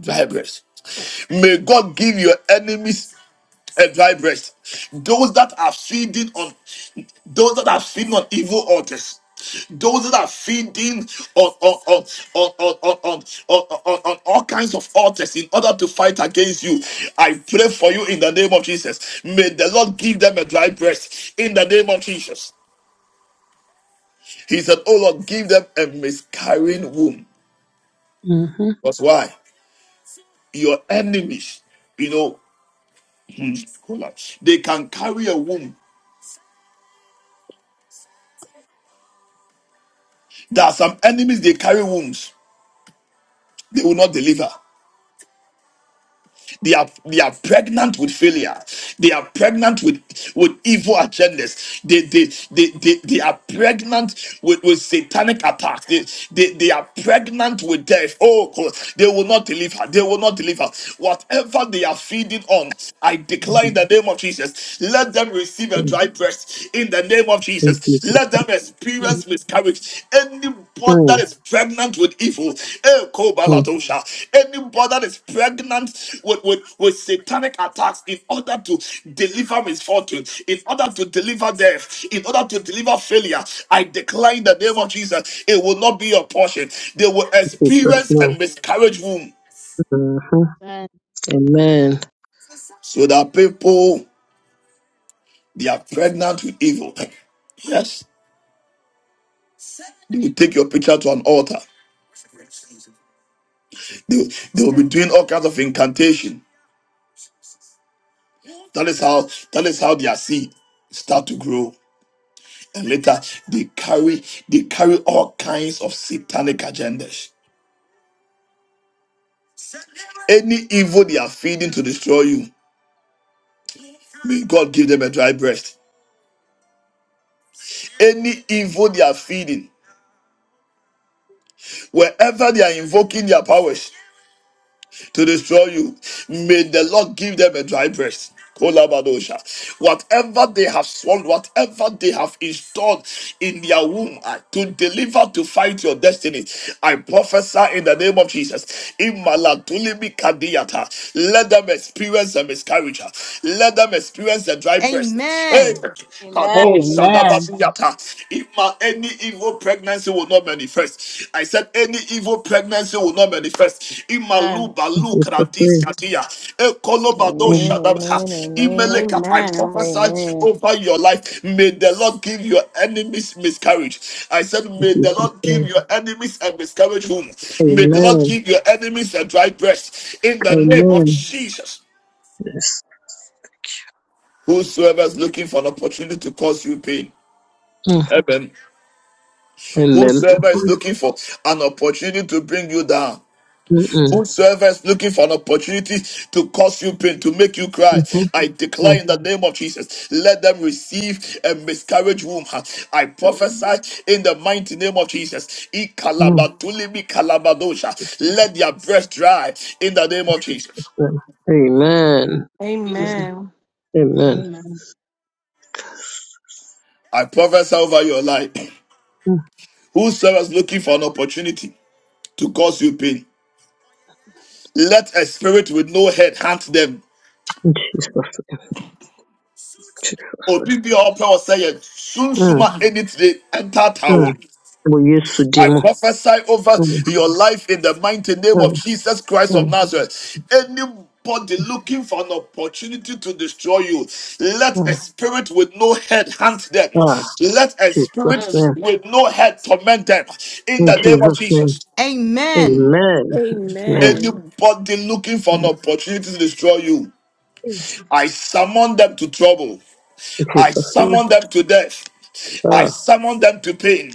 [SPEAKER 1] Dry breast. May God give your enemies. a dry breast. Those that are feeding on those that are feeding on evil altars. Those that are feeding on on on on on on, on, on, on, on all kinds of altars in order to fight against you. I pray for you in the name of Jesus. May the Lord give them a dry breast in the name of Jesus. He said, Oh Lord, give them a miscarrying womb.
[SPEAKER 4] Mm-hmm.
[SPEAKER 1] That's why your enemies, you know, they can carry a womb. There are some enemies they carry wombs. they will not deliver. They are they are pregnant with failure. They are pregnant with with evil agendas. They they they they, they are pregnant with, with satanic attacks. They, they they are pregnant with death. Oh, God, they will not deliver. They will not deliver. Whatever they are feeding on, I declare in the name of Jesus. Let them receive a dry breast in the name of
[SPEAKER 4] In
[SPEAKER 1] Jesus.
[SPEAKER 4] Jesus'
[SPEAKER 1] Let them
[SPEAKER 10] Amen.
[SPEAKER 1] experience miscarriage. Anybody that
[SPEAKER 4] name.
[SPEAKER 1] is pregnant with evil, eh,
[SPEAKER 4] In
[SPEAKER 1] kobaladosha. anybody that is pregnant with, with, with satanic attacks in order to deliver misfortune, in order to deliver death, in order to deliver failure, I declare in the name of Jesus, it will not be your portion. They will
[SPEAKER 4] Jesus'
[SPEAKER 1] experience a
[SPEAKER 4] name.
[SPEAKER 1] miscarriage womb
[SPEAKER 4] Mm-hmm. Amen.
[SPEAKER 1] so that people, they are pregnant with evil. Yes, they will take your picture to an altar. They, they will be doing all kinds of incantation. That is how that is how their seed start to grow. And later they carry they carry all kinds of satanic agendas. Any evil they are feeding to destroy you, may God give them a dry breast. Any evil they are feeding, wherever they are invoking their powers, to destroy you. May the Lord give them a dry breast. Kolabadosha. Whatever they have swallowed, whatever they have installed in their womb uh, to deliver to fight your destiny, I prophesy in the name of Jesus. Imalatulimi kadiyata. Let them experience a miscarriage. uh. Let them experience a dry breast. Hey,
[SPEAKER 7] Amen.
[SPEAKER 6] Amen.
[SPEAKER 10] Amen.
[SPEAKER 1] Kadosha
[SPEAKER 6] Amen.
[SPEAKER 1] dabasiyata. Ma- any evil pregnancy will not manifest. I said any evil pregnancy will not manifest.
[SPEAKER 10] Amen.
[SPEAKER 1] Imalu
[SPEAKER 4] In
[SPEAKER 1] balu
[SPEAKER 4] Jesus'
[SPEAKER 1] kradis
[SPEAKER 4] name.
[SPEAKER 1] katia. Ekolo bado
[SPEAKER 4] Mm.
[SPEAKER 9] Amen. Amen.
[SPEAKER 1] shadabha.
[SPEAKER 9] Amen.
[SPEAKER 1] Imeleka. I
[SPEAKER 5] Amen.
[SPEAKER 1] prophesy
[SPEAKER 9] Amen.
[SPEAKER 1] over your life. May the Lord give your enemies miscarriage. I said,
[SPEAKER 4] In
[SPEAKER 1] may
[SPEAKER 4] Jesus'
[SPEAKER 1] the Lord
[SPEAKER 4] name.
[SPEAKER 1] give your enemies a miscarriage womb. May the Lord
[SPEAKER 4] Amen.
[SPEAKER 1] give your enemies a dry breast. In the name of
[SPEAKER 4] Amen.
[SPEAKER 1] Jesus.
[SPEAKER 4] Yes.
[SPEAKER 1] Whosoever is looking for an opportunity to cause you pain.
[SPEAKER 4] Mm.
[SPEAKER 1] Amen.
[SPEAKER 4] Amen. then,
[SPEAKER 1] Whosoever is looking for an opportunity to bring you down.
[SPEAKER 4] mm-mm,
[SPEAKER 1] Whosoever is looking for an opportunity to cause you pain, to make you cry,
[SPEAKER 4] mm-mm,
[SPEAKER 1] I declare in the name of Jesus, let them receive a miscarriage womb. I prophesy in the mighty name of Jesus.
[SPEAKER 4] mm-mm,
[SPEAKER 1] Ikalabatulimi kalabadosha. Let their breast dry in the name of Jesus.
[SPEAKER 4] mm. amen.
[SPEAKER 10] Jesus.
[SPEAKER 5] Amen.
[SPEAKER 4] Amen.
[SPEAKER 10] Amen.
[SPEAKER 1] I prophesy over your life.
[SPEAKER 4] Mm.
[SPEAKER 1] Whosoever is looking for an opportunity to cause you pain, let a spirit with no head hunt them
[SPEAKER 4] In Jesus. name.
[SPEAKER 1] obi bi a ɔpɛ ɔsɛ yɛ
[SPEAKER 4] Mm.
[SPEAKER 1] sunsuma ɛni tire ɛntaataa
[SPEAKER 4] Mm.
[SPEAKER 1] wɔn.
[SPEAKER 4] We use to
[SPEAKER 1] I
[SPEAKER 4] demon.
[SPEAKER 1] prophesy over
[SPEAKER 4] Mm.
[SPEAKER 1] your life in the mighty name of
[SPEAKER 4] Mm.
[SPEAKER 1] Jesus Christ of
[SPEAKER 4] Mm.
[SPEAKER 1] Nazareth. Anybody looking for an opportunity to destroy you, let a
[SPEAKER 4] Mm.
[SPEAKER 1] spirit with no head hunt them.
[SPEAKER 4] Ah,
[SPEAKER 1] Let a
[SPEAKER 4] Jesus
[SPEAKER 10] Amen.
[SPEAKER 1] spirit
[SPEAKER 4] name.
[SPEAKER 1] with no head torment them. In
[SPEAKER 4] In
[SPEAKER 1] the name of
[SPEAKER 4] Jesus name.
[SPEAKER 1] Jesus.
[SPEAKER 7] Amen.
[SPEAKER 4] Amen. Amen.
[SPEAKER 5] Amen.
[SPEAKER 1] Anybody looking for an opportunity to destroy you,
[SPEAKER 4] In
[SPEAKER 1] I summon them to trouble. I
[SPEAKER 4] Jesus name.
[SPEAKER 1] summon them to death. I
[SPEAKER 4] Ah,
[SPEAKER 1] summon them to pain.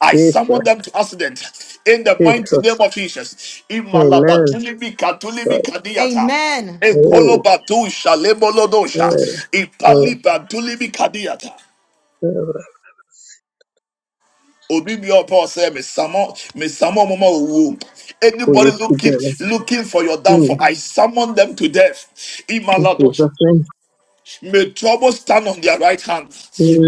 [SPEAKER 1] I summon
[SPEAKER 4] Jesus.
[SPEAKER 1] them to accident. In the mighty
[SPEAKER 4] Jesus.
[SPEAKER 1] name of Jesus. Imalaba
[SPEAKER 4] Amen.
[SPEAKER 1] tulibi katulibi
[SPEAKER 7] Amen.
[SPEAKER 1] kadiyata.
[SPEAKER 7] Amen.
[SPEAKER 4] Amen.
[SPEAKER 1] Ekoloba tu shalemolodosha. Ipaliba tulibi kadiyata. Obi bi ọpọ ọsẹ mi summon me summon mama owu.
[SPEAKER 4] We
[SPEAKER 1] Anybody
[SPEAKER 4] use to
[SPEAKER 1] looking looking for your
[SPEAKER 4] demon.
[SPEAKER 1] downfall, I summon them to death.
[SPEAKER 4] In
[SPEAKER 1] Imaladosha.
[SPEAKER 4] Jesus' name.
[SPEAKER 1] May trouble stand on their right hand.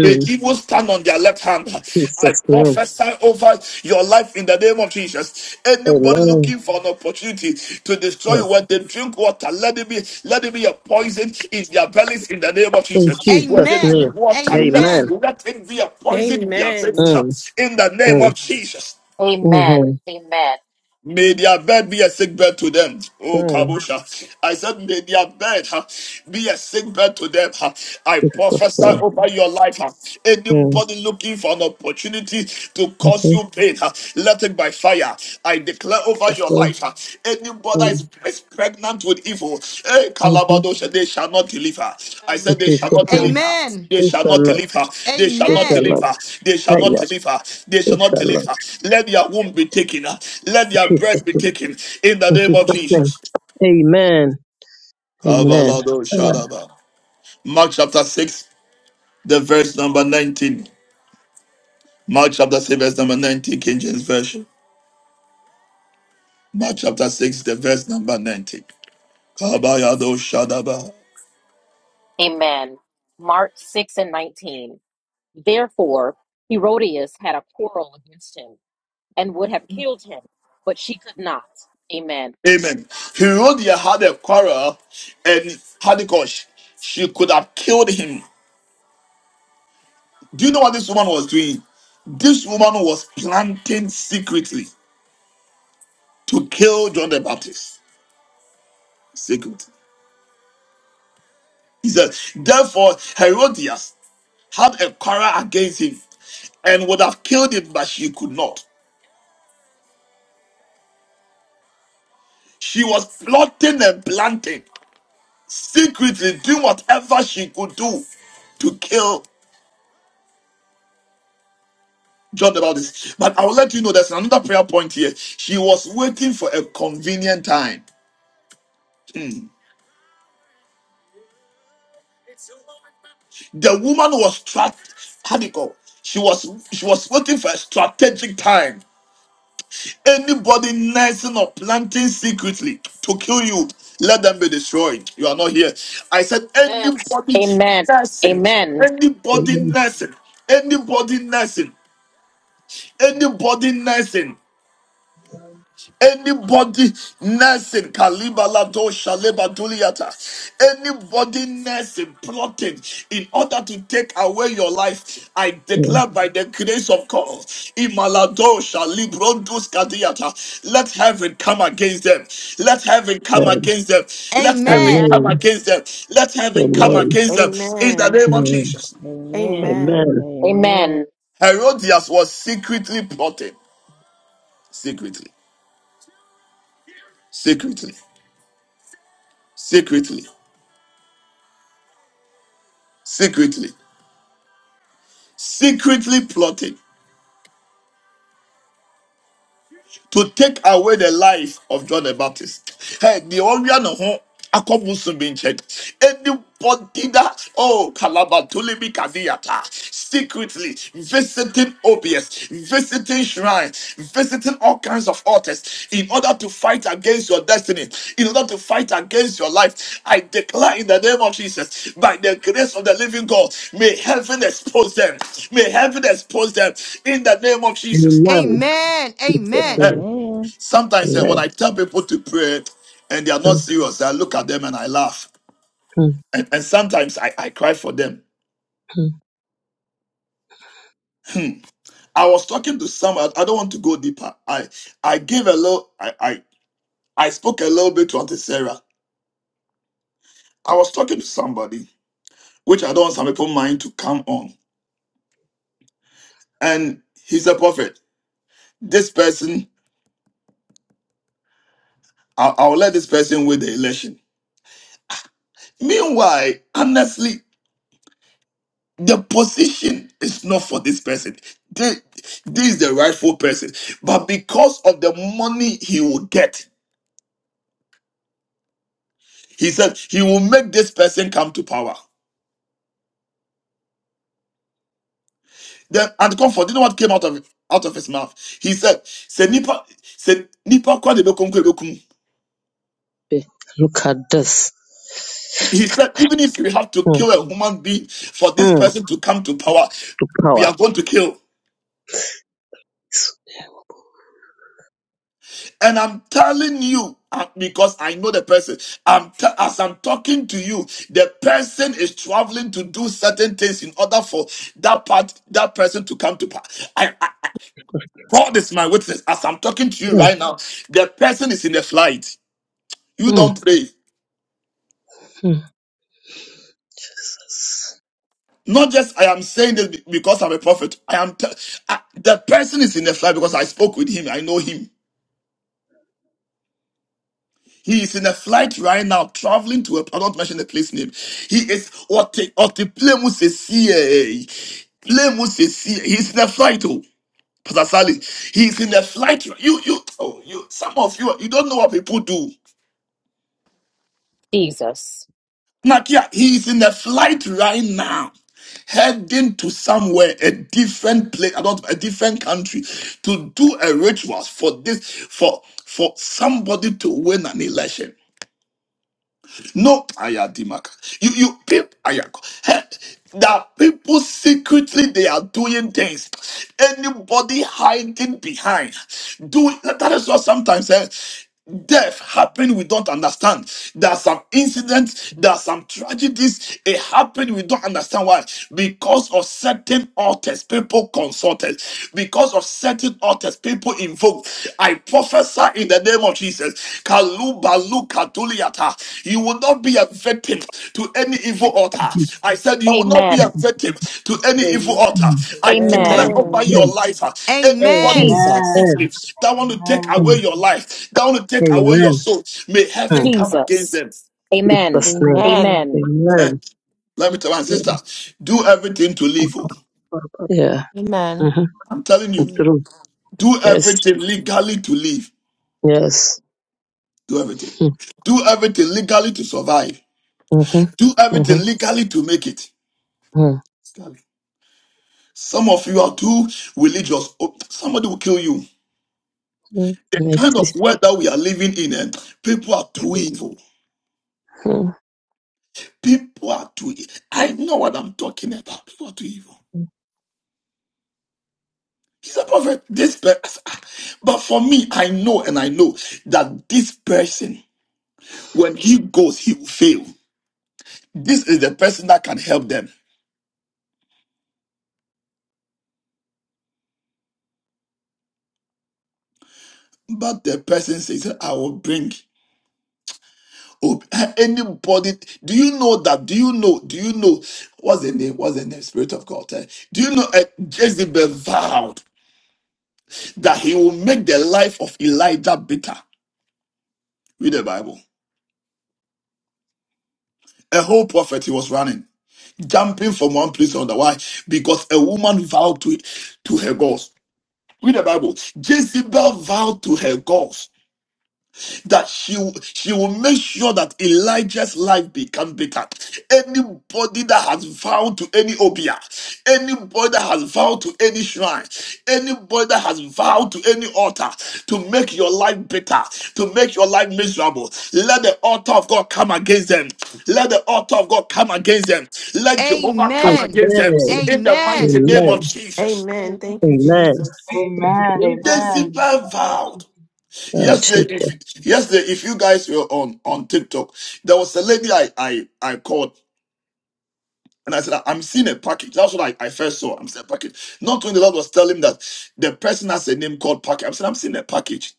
[SPEAKER 1] May evil stand on their left hand. I
[SPEAKER 4] Jesus' name.
[SPEAKER 1] prophesy over your life in the name of Jesus. Anybody
[SPEAKER 4] Amen.
[SPEAKER 1] looking for an opportunity to destroy
[SPEAKER 4] Mm.
[SPEAKER 1] you when they drink water, let it be, let it be a poison in their bellies in the name of
[SPEAKER 4] In
[SPEAKER 1] Jesus.
[SPEAKER 4] Jesus'
[SPEAKER 1] When they
[SPEAKER 7] Amen.
[SPEAKER 4] name.
[SPEAKER 1] drink water, let,
[SPEAKER 4] Amen.
[SPEAKER 7] Amen.
[SPEAKER 1] let it be a poison in their veins
[SPEAKER 5] Amen.
[SPEAKER 4] Mm,
[SPEAKER 1] in the name
[SPEAKER 4] mm,
[SPEAKER 1] of Jesus.
[SPEAKER 2] Amen.
[SPEAKER 4] mm,
[SPEAKER 2] Amen.
[SPEAKER 1] May their bed be a sick bed to them. Oh,
[SPEAKER 4] mm,
[SPEAKER 1] Kabusha. I said, may their bed huh, be a sick bed to them. huh. I prophesy
[SPEAKER 4] mm,
[SPEAKER 1] over your life. huh.
[SPEAKER 4] mm,
[SPEAKER 1] Anybody looking for an opportunity to cause you pain, huh, let it by fire. I declare over your
[SPEAKER 4] mm, mm,
[SPEAKER 1] life. huh, Anybody that
[SPEAKER 4] mm,
[SPEAKER 1] is is pregnant with evil, eh,
[SPEAKER 4] mm.
[SPEAKER 1] Kalabadosha, they shall not deliver. I
[SPEAKER 10] Amen.
[SPEAKER 4] In
[SPEAKER 1] said they shall not
[SPEAKER 4] Jesus'
[SPEAKER 1] deliver.
[SPEAKER 4] name.
[SPEAKER 7] Amen.
[SPEAKER 1] They
[SPEAKER 4] It
[SPEAKER 1] shall
[SPEAKER 4] shall
[SPEAKER 1] not
[SPEAKER 4] not.
[SPEAKER 1] deliver. They shall
[SPEAKER 4] It
[SPEAKER 1] not
[SPEAKER 7] Amen.
[SPEAKER 4] shall not.
[SPEAKER 1] deliver. They shall
[SPEAKER 4] Right
[SPEAKER 1] not
[SPEAKER 4] now.
[SPEAKER 1] deliver. They shall
[SPEAKER 4] It
[SPEAKER 1] not
[SPEAKER 4] shall not.
[SPEAKER 1] deliver. Let their womb be taken. uh, Let their
[SPEAKER 4] Peace.
[SPEAKER 1] breath be taken. In the
[SPEAKER 4] In
[SPEAKER 1] name of
[SPEAKER 4] Jesus' name.
[SPEAKER 1] Jesus.
[SPEAKER 4] Amen. Amen.
[SPEAKER 1] Kabaladosha
[SPEAKER 4] Ah,
[SPEAKER 1] Daba. Mark chapter 6, the verse number 19. Mark chapter 6, verse number 19, King James Version. Mark chapter 6, the verse number 19. Kabayado Shadaba.
[SPEAKER 2] Amen. Mark 6 and 19. Therefore, Herodias had a quarrel against him and would have killed him, but she could not. Amen.
[SPEAKER 1] Amen. Herodias had a quarrel and had a cause She could have killed him. Do you know what this woman was doing? This woman was planting secretly to kill John the Baptist. Secret. He said, therefore, Herodias had a quarrel against him and would have killed him, but she could not. She was plotting and planting secretly, doing whatever she could do to kill jot about this. But I will let you know there's another prayer point here. She was waiting for a convenient time. Hmm. The woman was trapped. How do you call? She was she was waiting for a strategic time. Anybody nursing or planting secretly to kill you, let them be destroyed. You are not here. I said
[SPEAKER 10] Amen.
[SPEAKER 1] anybody
[SPEAKER 2] Amen.
[SPEAKER 1] nursing,
[SPEAKER 2] Amen.
[SPEAKER 1] anybody
[SPEAKER 4] Amen.
[SPEAKER 1] nursing, anybody nursing, anybody nursing. Anybody nursing Kalibalado Shalebaduliata, anybody nursing plotting in order to take away your life, I
[SPEAKER 4] Mm,
[SPEAKER 1] declare by the grace of God, Imalado Shalibrodus Kadiata, let heaven come against them, let heaven come
[SPEAKER 4] mm.
[SPEAKER 1] against them,
[SPEAKER 7] Amen.
[SPEAKER 1] let heaven
[SPEAKER 7] Amen.
[SPEAKER 1] come
[SPEAKER 4] Amen.
[SPEAKER 1] against them, let heaven come
[SPEAKER 4] Amen.
[SPEAKER 1] against them in the
[SPEAKER 5] Amen.
[SPEAKER 1] name of
[SPEAKER 4] Mm.
[SPEAKER 1] Jesus.
[SPEAKER 9] Amen.
[SPEAKER 5] Amen.
[SPEAKER 9] Amen.
[SPEAKER 4] Amen.
[SPEAKER 2] Amen.
[SPEAKER 9] Amen.
[SPEAKER 1] Herodias was secretly plotting, secretly, secretly, secretly, secretly. secretly plotted to take away the life of John the Baptist. Hey, the Orion home. Anybody that, oh, Kalabatulimi Kadiata, secretly visiting OBS, visiting shrines, visiting all kinds of altars in order to fight against your destiny, in order to fight against your life. I declare in the name of Jesus, by the grace of the living God, may heaven expose them, may heaven expose them in the name of Jesus.
[SPEAKER 7] Amen.
[SPEAKER 4] Amen.
[SPEAKER 1] Eh,
[SPEAKER 7] Amen.
[SPEAKER 4] Amen.
[SPEAKER 9] Amen.
[SPEAKER 1] Sometimes eh, when
[SPEAKER 4] Amen.
[SPEAKER 1] I tell people to pray and they are
[SPEAKER 4] Mm,
[SPEAKER 1] not serious, I look at them and I laugh.
[SPEAKER 4] mm,
[SPEAKER 1] And, and sometimes I, I cry for them.
[SPEAKER 4] mm.
[SPEAKER 1] I was talking to someone, I don't want to go deeper. I I gave a little I, I I spoke a little bit to Auntie Sarah. I was talking to somebody, which I don't want some people mind to come on. And he's a prophet. This person, I'll, I'll let this person win the election. Meanwhile, honestly, The position is not for this person. This, this is the rightful person. But because of the money he will get, he said he will make this person come to power. Then and comfort. You know what came out of out of his mouth? He said, "Se nipa, se nipa kwa de bekum kwe bekum."
[SPEAKER 4] Look at this.
[SPEAKER 1] He said, even if we have to
[SPEAKER 4] Mm,
[SPEAKER 1] kill a human being for this
[SPEAKER 4] mm,
[SPEAKER 1] person to come to power,
[SPEAKER 4] the
[SPEAKER 1] we
[SPEAKER 4] power.
[SPEAKER 1] are going to kill. And I'm telling you, uh, because I know the person, I'm t- as I'm talking to you, the person is traveling to do certain things in order for that part, that person to come to pass. I, I, God is my witness. As I'm talking to you
[SPEAKER 4] Mm,
[SPEAKER 1] right now, the person is in a flight. You
[SPEAKER 4] mm,
[SPEAKER 1] don't pray.
[SPEAKER 4] mm. Jesus.
[SPEAKER 1] Not just I am saying this be- because I'm a prophet. I am t- I, the person is in the flight because I spoke with him. I know him. He is in a flight right now, traveling to a, I don't mention the place name. He is, what the, what the plane was a C A. Plane was a C A. He's in a flight, oh, Pastor Sally. He's in a flight. You, you, oh, you, some of you, you don't know what people do.
[SPEAKER 2] Jesus.
[SPEAKER 1] Nakia, he is in a flight right now. Heading to somewhere, a different place, I not a different country, to do a ritual for this, for for somebody to win an election. No, Ayadimaka. You, you, people, Ayako. He- That people secretly they are doing things. Anybody hiding behind. Do that is what sometimes eh, death happen. We don't understand. There are some incidents. There are some tragedies. It happened. We don't understand why. Because of certain authors, people consulted because of certain altars people invoke. I prophesy in the name of Jesus. Kalubalu katuliata. You will not be a victim to any evil altar.
[SPEAKER 4] Mm,
[SPEAKER 1] I said you will not be a
[SPEAKER 2] Amen.
[SPEAKER 1] victim to any evil
[SPEAKER 12] Amen.
[SPEAKER 1] altar.
[SPEAKER 4] mm,
[SPEAKER 1] I
[SPEAKER 12] Amen.
[SPEAKER 1] declare
[SPEAKER 2] Amen.
[SPEAKER 1] over your
[SPEAKER 5] Amen.
[SPEAKER 1] life, uh, anybody
[SPEAKER 7] Amen.
[SPEAKER 4] mm,
[SPEAKER 6] Amen.
[SPEAKER 2] Jesus.
[SPEAKER 4] mm,
[SPEAKER 1] secretly that want to take away
[SPEAKER 4] mm.
[SPEAKER 1] your life, that want to take away
[SPEAKER 4] Amen.
[SPEAKER 1] your soul, may
[SPEAKER 4] Mm.
[SPEAKER 1] heaven come against
[SPEAKER 2] Jesus.
[SPEAKER 1] them.
[SPEAKER 2] Amen.
[SPEAKER 4] Jesus' name.
[SPEAKER 11] Amen.
[SPEAKER 2] Amen.
[SPEAKER 1] Eh,
[SPEAKER 4] Amen.
[SPEAKER 1] let me tell my sister,
[SPEAKER 4] Mm.
[SPEAKER 1] do everything to live. oh.
[SPEAKER 4] Yeah.
[SPEAKER 11] Amen.
[SPEAKER 4] Mm-hmm.
[SPEAKER 1] I'm telling
[SPEAKER 4] Mm,
[SPEAKER 1] you,
[SPEAKER 4] True.
[SPEAKER 1] do
[SPEAKER 4] Yes.
[SPEAKER 1] everything legally to live.
[SPEAKER 4] Yes.
[SPEAKER 1] Do everything.
[SPEAKER 4] Mm-hmm.
[SPEAKER 1] Do everything legally to survive.
[SPEAKER 4] Mm-hmm.
[SPEAKER 1] Do
[SPEAKER 4] Mm-hmm.
[SPEAKER 1] everything legally to make it.
[SPEAKER 4] Mm.
[SPEAKER 1] Some of you are too religious. Oh, Somebody will kill you.
[SPEAKER 4] Mm.
[SPEAKER 1] The kind of world that we are living in, eh, people are too evil. People are too. evil. I know what I'm talking about. People are too evil. He's a prophet. This person. But for me, I know and I know that this person, when he goes, he will fail. This is the person that can help them. But the person says, I will bring. Ob- Anybody, do you know that? Do you know? Do you know what's the name? What's the name? Spirit of God. eh? Do you know uh, Jezebel vowed that he will make the life of Elijah bitter? Read the Bible. A whole prophet he was running, jumping from one place to another. Why? Because a woman vowed to to her gods. Read the Bible. Jezebel vowed to her gods that she will- she will make sure that Elijah's life become better. Anybody that has vowed to any obia, anybody that has vowed to any shrine, anybody that has vowed to any altar to make your life better, to make your life miserable, let the altar of God come against them. Let the altar of God come against them. Let Jehovah come
[SPEAKER 7] Amen.
[SPEAKER 1] against them in the mighty name of Jesus.
[SPEAKER 5] Amen. Thank you,
[SPEAKER 10] In
[SPEAKER 5] Jesus.
[SPEAKER 6] Amen.
[SPEAKER 10] Jesus'
[SPEAKER 1] Jezebel vowed.
[SPEAKER 4] Mercy.
[SPEAKER 1] Yesterday, if yesterday, if you guys were on on TikTok, there was a lady I I I called and I said I'm seeing a package. That's what I, I first saw. I'm seeing a package. Not when the Lord was telling me that the person has a name called package. I said I'm seeing a package,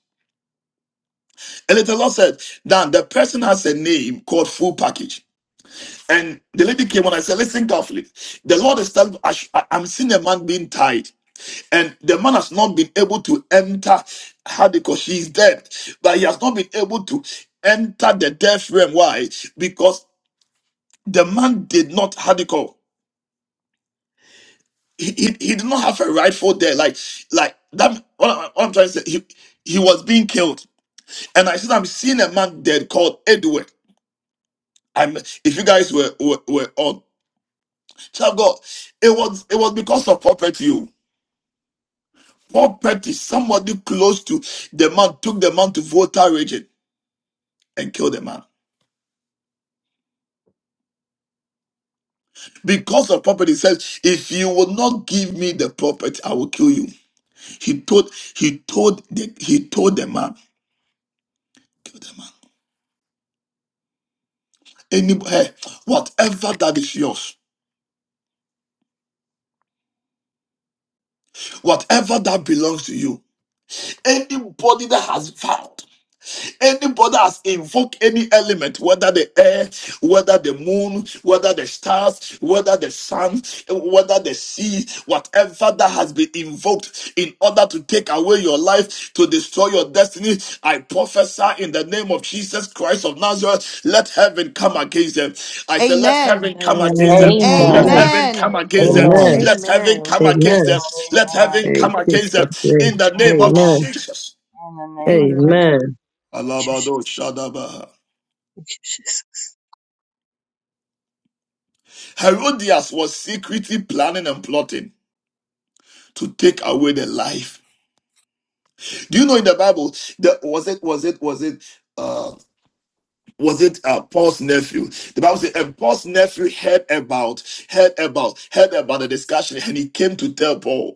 [SPEAKER 1] and then the Lord said "Dan, the person has a name called full package. And the lady came on. I said, listen carefully. The Lord is telling me I sh- I- I'm seeing a man being tied. And the man has not been able to enter her because she is dead. But he has not been able to enter the death realm. Why? Because the man did not Hadiko. He, he, he did not have a rightful there. Like, like that what, I, am trying to say, he, he was being killed. And I said, I'm seeing a man dead called Edward. I'm if you guys were were, were on. Child of God, it was it was because of property. oh. Property, somebody close to the man took the man to Volta region and kill the man. Because of property, he says, if you will not give me the property, I will kill you. He told, he told the he told the man, kill the man. Anybody, hey, whatever that is yours, whatever that belongs to you, anybody that has vowed. Anybody has invoked any element, whether the air, whether the moon, whether the stars, whether the sun, whether the sea, whatever that has been invoked in order to take away your life, to destroy your destiny, I prophesy in the name of Jesus Christ of Nazareth, let heaven come against them. I say, let heaven come against them.
[SPEAKER 4] Mm.
[SPEAKER 6] Amen.
[SPEAKER 1] Let
[SPEAKER 4] Amen.
[SPEAKER 2] Amen.
[SPEAKER 10] name.
[SPEAKER 1] heaven come
[SPEAKER 7] Amen.
[SPEAKER 4] Amen. Amen. Oh, Jesus. Amen. Amen.
[SPEAKER 1] against them.
[SPEAKER 6] Amen.
[SPEAKER 4] Amen.
[SPEAKER 2] Amen.
[SPEAKER 1] Let heaven
[SPEAKER 5] Amen.
[SPEAKER 1] come
[SPEAKER 6] Amen.
[SPEAKER 4] Amen.
[SPEAKER 1] against them.
[SPEAKER 6] Yes,
[SPEAKER 1] Let heaven
[SPEAKER 6] Lord.
[SPEAKER 4] Thank
[SPEAKER 1] come
[SPEAKER 4] you,
[SPEAKER 1] against
[SPEAKER 4] for
[SPEAKER 1] them
[SPEAKER 4] that.
[SPEAKER 1] in
[SPEAKER 6] Amen.
[SPEAKER 1] the name of
[SPEAKER 6] Amen.
[SPEAKER 4] Amen.
[SPEAKER 1] Jesus.
[SPEAKER 6] In the name of Jesus.
[SPEAKER 5] Amen.
[SPEAKER 4] Amen. Jesus.
[SPEAKER 1] Alabado Shadaba.
[SPEAKER 4] Jesus.
[SPEAKER 1] Herodias was secretly planning and plotting to take away the life. Do you know in the Bible that was it was it was it uh was it uh, Paul's nephew? The Bible says, and Paul's nephew heard about, heard about, heard about the discussion, and he came to tell Paul.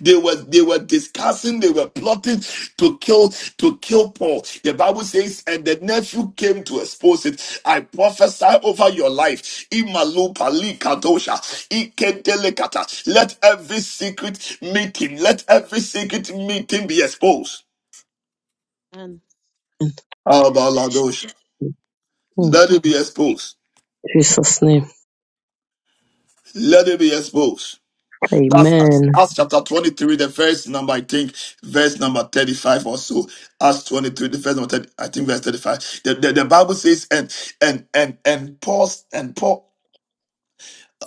[SPEAKER 1] They were they were discussing, they were plotting to kill to kill Paul. The Bible says, and the nephew came to expose it. I prophesy over your life. Imalupa li kadosha, ikedelekata. Let every secret meeting, let every secret meeting be exposed.
[SPEAKER 10] Amen. Amen.
[SPEAKER 1] How
[SPEAKER 4] In
[SPEAKER 1] Let it be exposed.
[SPEAKER 4] Jesus' name.
[SPEAKER 1] Let it be exposed. That's Acts,
[SPEAKER 4] Amen.
[SPEAKER 1] Acts chapter 23, the verse number, I think, verse number 35 or so. Acts 23, the verse number 30, I think verse 35. The, the, the Bible says, and and and and Paul's and Paul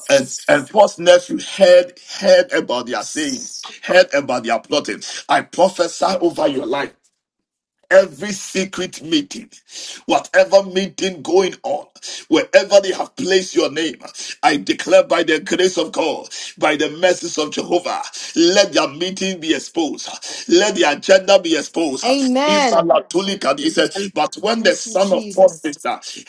[SPEAKER 1] and, and Paul's nephew heard heard about their sayings, heard about their plotting. I prophesy over your life every secret meeting, whatever meeting going on, wherever they have placed your name, I declare by the grace of God, by the mercies of Jehovah, let their meeting be exposed, let the agenda be exposed.
[SPEAKER 7] Amen.
[SPEAKER 10] Amen.
[SPEAKER 1] Ibalatulikadi, He says, but when the
[SPEAKER 7] Thank you,
[SPEAKER 1] son of Foster
[SPEAKER 7] Jesus.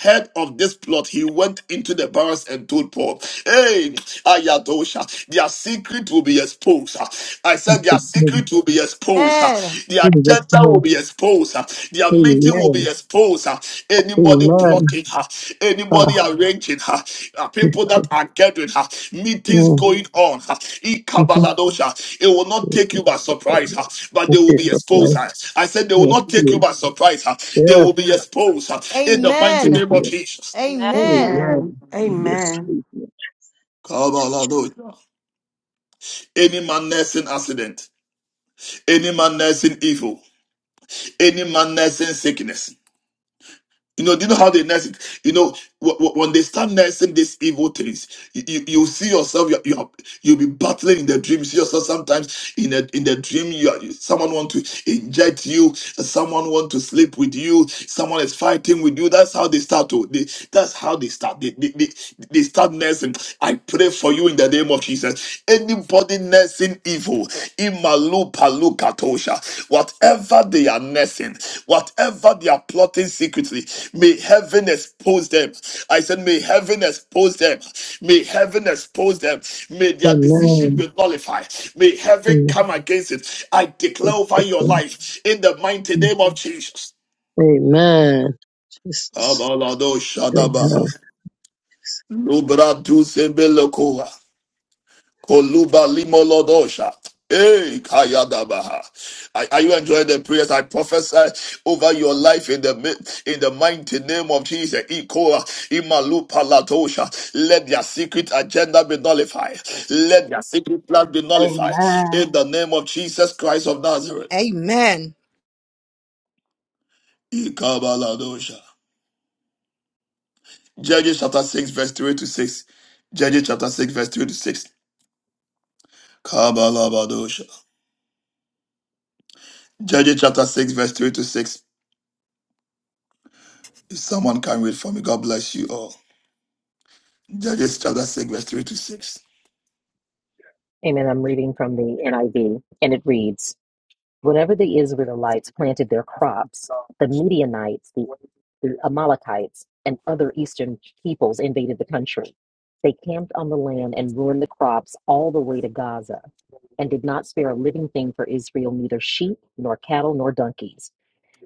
[SPEAKER 1] heard of this plot, he went into the barracks and told Paul, Hey, Ayadosha, their secret will be exposed. uh. I said their
[SPEAKER 4] In
[SPEAKER 1] secret will be exposed. uh.
[SPEAKER 7] Amen.
[SPEAKER 1] Their
[SPEAKER 4] Jesus'
[SPEAKER 1] agenda will
[SPEAKER 4] name.
[SPEAKER 1] be exposed. uh. Their meeting will be
[SPEAKER 4] Amen.
[SPEAKER 1] exposed. uh. Anybody
[SPEAKER 4] Amen.
[SPEAKER 1] blocking her, anybody
[SPEAKER 4] Ah,
[SPEAKER 1] arranging her, uh,
[SPEAKER 4] mm,
[SPEAKER 1] people that are gathering her, meetings
[SPEAKER 4] mhm.
[SPEAKER 1] going on. uh. Ikabaladosha. It will not take you by surprise, uh, but
[SPEAKER 4] In
[SPEAKER 1] they will be
[SPEAKER 4] Jesus'
[SPEAKER 1] exposed.
[SPEAKER 4] name.
[SPEAKER 1] uh. I said they will
[SPEAKER 4] Yes,
[SPEAKER 1] not take you
[SPEAKER 4] please.
[SPEAKER 1] by surprise. uh. They
[SPEAKER 4] Yes,
[SPEAKER 1] will be exposed uh, in
[SPEAKER 4] yes,
[SPEAKER 1] the mighty
[SPEAKER 7] Amen.
[SPEAKER 4] please.
[SPEAKER 1] name of
[SPEAKER 4] yes.
[SPEAKER 1] Jesus.
[SPEAKER 10] Amen.
[SPEAKER 7] Amen.
[SPEAKER 5] Amen.
[SPEAKER 4] Amen. Yes,
[SPEAKER 5] Amen.
[SPEAKER 4] please. yes.
[SPEAKER 1] Kabaladosha. Any man nursing accident, any man nursing evil. any man nursing sickness. You know, do you know how they nurse it? You know, wh- when they start nursing these evil things, you, you, you see yourself, you, you, you'll be battling in the dream. You see yourself sometimes in a, in the dream, you are, someone want to inject you, someone want to sleep with you, someone is fighting with you. That's how they start to, they, that's how they start. They, they, they, they start nursing. I pray for you in the name of Jesus. Anybody nursing evil, Imalupalukatosha, whatever they are nursing, whatever they are plotting secretly, may heaven expose them. I said, may heaven expose them. May heaven expose them. May their decision
[SPEAKER 4] Amen.
[SPEAKER 1] be nullified. May heaven
[SPEAKER 4] In
[SPEAKER 1] come against it. I declare over
[SPEAKER 4] Jesus'
[SPEAKER 1] your
[SPEAKER 4] name.
[SPEAKER 1] life in the mighty name of Jesus.
[SPEAKER 4] Amen. Jesus.
[SPEAKER 1] Kabalado
[SPEAKER 4] Amen.
[SPEAKER 1] Shadabaha. Lubra Dusebelokoa. Koluba limolodosha. Hey, Kayadabaha. Are are you enjoying the prayers? I prophesy over your life in the mi- in the mighty name of Jesus. Ikoa imalu palatosha. Let their secret agenda be nullified. Let their secret plan be nullified.
[SPEAKER 6] Amen.
[SPEAKER 1] In the name of Jesus Christ of Nazareth.
[SPEAKER 7] Amen.
[SPEAKER 1] Ikabaladosha. Judges chapter 6, verse 3 to 6. Judges chapter 6, verse 3 to 6. Kabalabadosha. Judges chapter 6, verse 3 to 6. If someone can read for me, God bless you all. Judges chapter 6, verse 3 to 6.
[SPEAKER 2] Amen. I'm reading from the NIV, and it reads Whenever the Israelites planted their crops, the Midianites, the, the Amalekites, and other eastern peoples invaded the country. They camped on the land and ruined the crops all the way to Gaza, and did not spare a living thing for Israel, neither sheep, nor cattle, nor donkeys.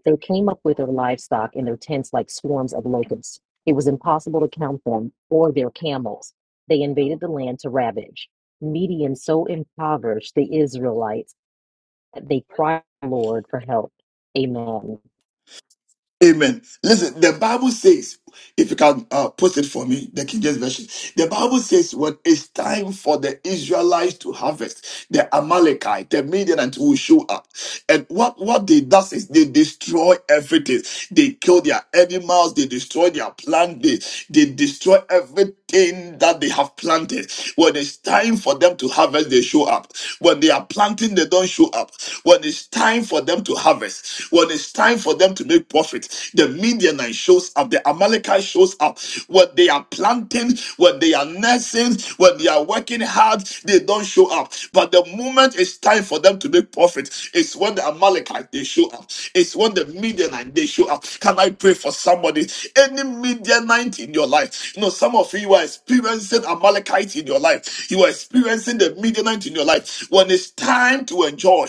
[SPEAKER 2] They came up with their livestock and their tents like swarms of locusts. It was impossible to count them or their camels. They invaded the land to ravage. Midian so impoverished the Israelites that they cried to the Lord for help. Amen.
[SPEAKER 1] Amen. Listen, the Bible says, if you can uh, post it for me, the King James Version. The Bible says, when it's time for the Israelites to harvest, the Amalekite, the Midianites will show up. And what, what they does is they destroy everything. They kill their animals, they destroy their plant, they, They destroy everything that they have planted. When it's time for them to harvest, they show up. When they are planting, they don't show up. When it's time for them to harvest, when it's time for them to make profit, the Midianite shows up, the Amalekite shows up. When they are planting, when they are nursing, when they are working hard, they don't show up. But the moment it's time for them to make profit, it's when the Amalekite they show up. It's when the Midianite they show up. Can I pray for somebody? anybody, any Midianite in your life. You know, some of you, you are experiencing Amalekite in your life. You are experiencing the Midianite in your life. When it's time to enjoy,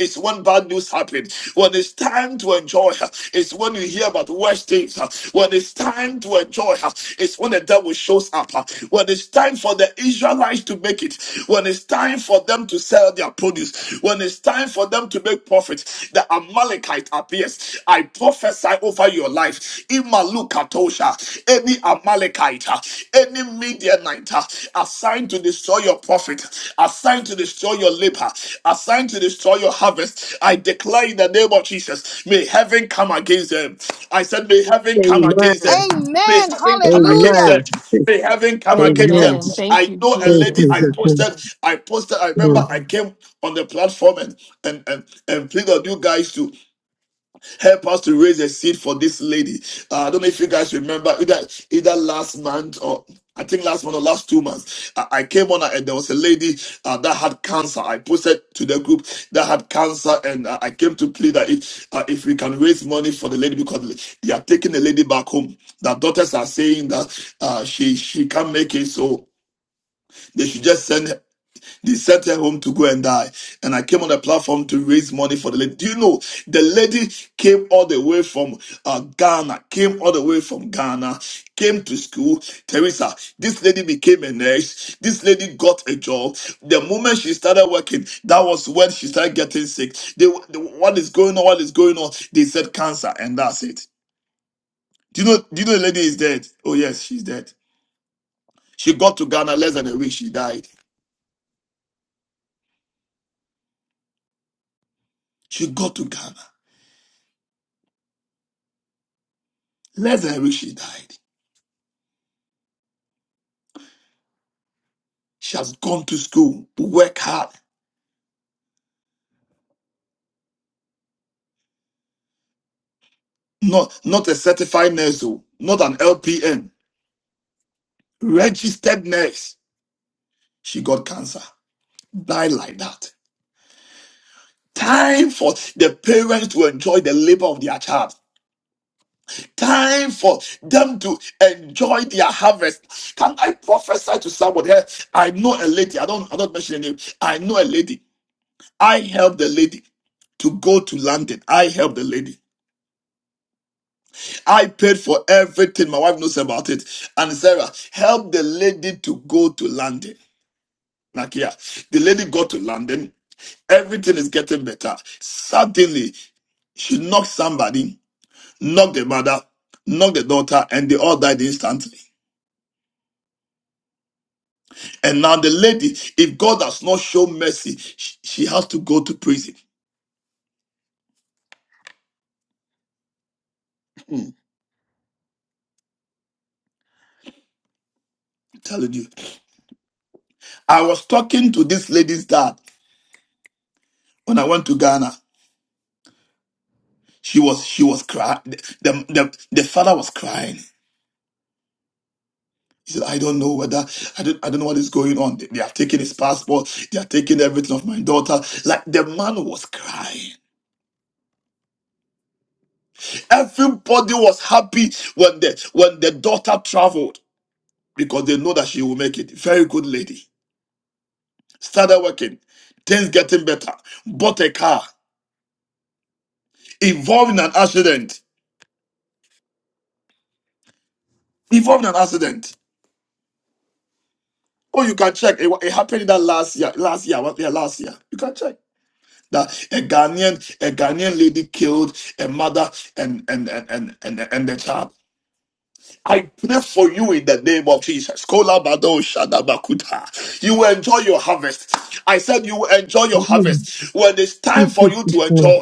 [SPEAKER 1] it's when bad news happens. When it's time to enjoy, it's when you hear about worse things. When it's time to enjoy, it's when the devil shows up. When it's time for the Israelites to make it, when it's time for them to sell their produce, when it's time for them to make profit, the Amalekite appears. I prophesy prophesy over your life. Imalukatosha, any Amalekite, any Midianite assigned to destroy your prophet, assigned to destroy your labor, assigned to destroy your harvest. I declare in the name of Jesus, may heaven come against them. I said, may heaven come
[SPEAKER 4] Amen.
[SPEAKER 1] against them. May
[SPEAKER 7] Amen.
[SPEAKER 1] heaven come against them.
[SPEAKER 4] Amen.
[SPEAKER 7] Hallelujah.
[SPEAKER 1] May heaven come against them.
[SPEAKER 4] Amen.
[SPEAKER 5] Amen. Thank
[SPEAKER 1] I
[SPEAKER 5] you,
[SPEAKER 1] know a
[SPEAKER 4] In
[SPEAKER 1] lady I
[SPEAKER 5] Jesus.
[SPEAKER 4] Jesus' name.
[SPEAKER 1] posted, I posted, I
[SPEAKER 4] Mm.
[SPEAKER 1] remember I came on the platform and and and, and pleaded you guys to Help us to raise a seed for this lady. Uh, I don't know if you guys remember either, either last month or I think last month or last two months. I, I came on and there was a lady uh, that had cancer. I posted to the group that had cancer and uh, I came to plead that if, uh, if we can raise money for the lady because they are taking the lady back home. The doctors are saying that uh, she, she can't make it. So they should just send they sent her home to go and die. And I came on the platform to raise money for the lady. Do you know the lady came all the way from uh, Ghana, came all the way from Ghana, came to school. Teresa, this lady became a nurse. This lady got a job. The moment she started working, that was when she started getting sick. They, they- what is going on? What is going on? They said cancer, and that's it. Do you know? Do you know the lady is dead? Oh yes, she's dead. She got to Ghana less than a week. She died. She got to Ghana less than a week. She died. She has gone to school, work hard. Not, not a certified nurse, oh, not an LPN, registered nurse. She got cancer. Died like that. Time for the parents to enjoy the labor of their child. Time for them to enjoy their harvest. Can I prophesy to somebody? Eh, I know a lady. I don't. I don't mention her name. I know a lady. I helped the lady to go to London. I helped the lady. I paid for everything. My wife knows about it. And Sarah helped the lady to go to London. Nakia, the lady got to London. Everything is getting better. Suddenly, she knocked somebody, knocked the mother, knocked the daughter, and they all died instantly. And now the lady, if God does not show mercy, sh- she has to go to prison. Hmm, telling you. I was talking to this lady's dad when I went to Ghana. She was she was crying. The, the the father was crying. He said, "I don't know whether I don't I don't know what is going on. They, they have taken his passport. They are taking everything of my daughter." Like the man was crying. Everybody was happy when the when the daughter traveled because they know that she will make it. Very good lady. Started working. Things getting better. Bought a car. Involved in an accident. Involved in an accident. Oh, you can check. It, wa- it happened in that last year. Last year. what- Yeah, last year. You can check. that a Ghanaian, a Ghanaian lady killed a mother and and and and and, and the child. I pray for you in the name of Jesus. Kolabado shadabakuta. You will enjoy your harvest. I said you will enjoy your
[SPEAKER 4] Yeah.
[SPEAKER 1] harvest. When it's
[SPEAKER 4] In
[SPEAKER 1] time for you
[SPEAKER 4] Jesus'
[SPEAKER 1] to enjoy,
[SPEAKER 4] name.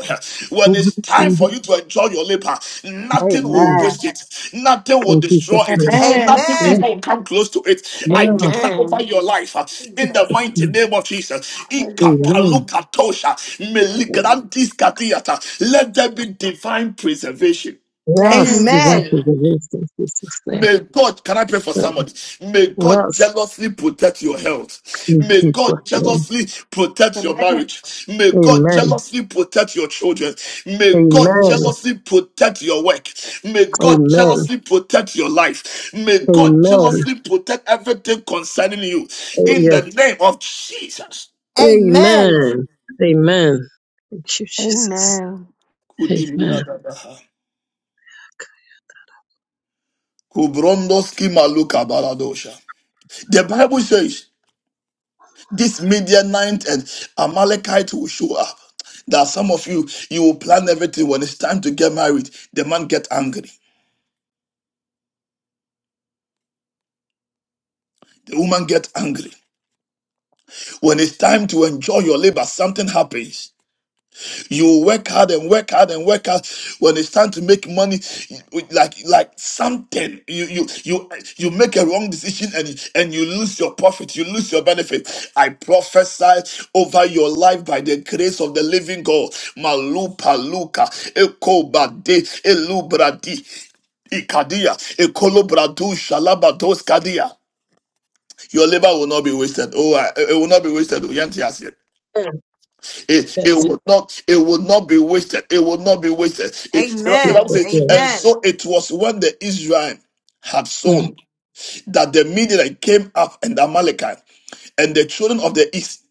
[SPEAKER 1] when
[SPEAKER 4] We
[SPEAKER 1] it's
[SPEAKER 4] have
[SPEAKER 1] time
[SPEAKER 4] in Jesus'
[SPEAKER 1] for you to enjoy your labor, nothing will
[SPEAKER 4] name.
[SPEAKER 6] Amen.
[SPEAKER 1] waste it. Nothing will
[SPEAKER 4] In
[SPEAKER 1] destroy
[SPEAKER 4] Jesus'
[SPEAKER 1] it.
[SPEAKER 4] name.
[SPEAKER 13] Amen.
[SPEAKER 1] Nothing
[SPEAKER 4] Yes.
[SPEAKER 7] Amen.
[SPEAKER 1] evil will come close to it. I
[SPEAKER 4] Yeah.
[SPEAKER 1] declare over
[SPEAKER 5] Amen.
[SPEAKER 1] your life uh, in the mighty name of Jesus.
[SPEAKER 4] Amen.
[SPEAKER 1] Ikapalukatosha, meligrantis katiata. Let there be divine preservation.
[SPEAKER 4] Yes.
[SPEAKER 13] Amen.
[SPEAKER 4] Divine
[SPEAKER 7] Amen.
[SPEAKER 4] preservation. In Jesus' name.
[SPEAKER 1] May God, can I pray for somebody? May God
[SPEAKER 4] Yes.
[SPEAKER 1] jealously protect your health.
[SPEAKER 4] In
[SPEAKER 1] May
[SPEAKER 4] Jesus'
[SPEAKER 1] God
[SPEAKER 4] name.
[SPEAKER 1] jealously protect your
[SPEAKER 13] Amen.
[SPEAKER 1] marriage. May God
[SPEAKER 4] Amen.
[SPEAKER 1] jealously protect your children. May God
[SPEAKER 4] Amen.
[SPEAKER 1] jealously protect your work. May God
[SPEAKER 4] Amen.
[SPEAKER 1] jealously protect your life. May God
[SPEAKER 4] Amen.
[SPEAKER 1] jealously protect everything concerning you.
[SPEAKER 4] Oh,
[SPEAKER 1] In the
[SPEAKER 4] yes.
[SPEAKER 1] name of Jesus.
[SPEAKER 7] Amen.
[SPEAKER 4] Amen. Amen. Thank you, Jesus.
[SPEAKER 5] Amen.
[SPEAKER 4] Amen.
[SPEAKER 1] The Bible says. this Midianite and Amalekite will show up. There are some of you, you will plan everything. When it's time to get married, the man get angry. The woman get angry. When it's time to enjoy your labor, something happens. You work hard and work hard and work hard. When it's time to make money, you- like like something, you you you you make a wrong decision and you- and you lose your profit, you lose your benefit. I prophesy over your life by the grace of the living God. Malupa luka ekobade elubradi ikadia ekolobradu shalabados kadia. Your labor will not be wasted. Oh, I- it will not be wasted. Oh, yanti asie. It, it
[SPEAKER 4] Yes.
[SPEAKER 1] will not it will not be wasted. It will not be wasted. It, the Bible
[SPEAKER 7] Amen.
[SPEAKER 4] Jesus'
[SPEAKER 1] says,
[SPEAKER 4] name.
[SPEAKER 1] and
[SPEAKER 7] Amen.
[SPEAKER 1] so it was when the Israel had
[SPEAKER 4] Mm.
[SPEAKER 1] sown that the Midianite came up and the Amalekite and the children of the east,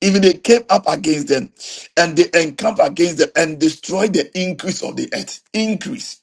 [SPEAKER 1] even they came up against them and they encamped against them and destroyed the increase of the earth. Increase.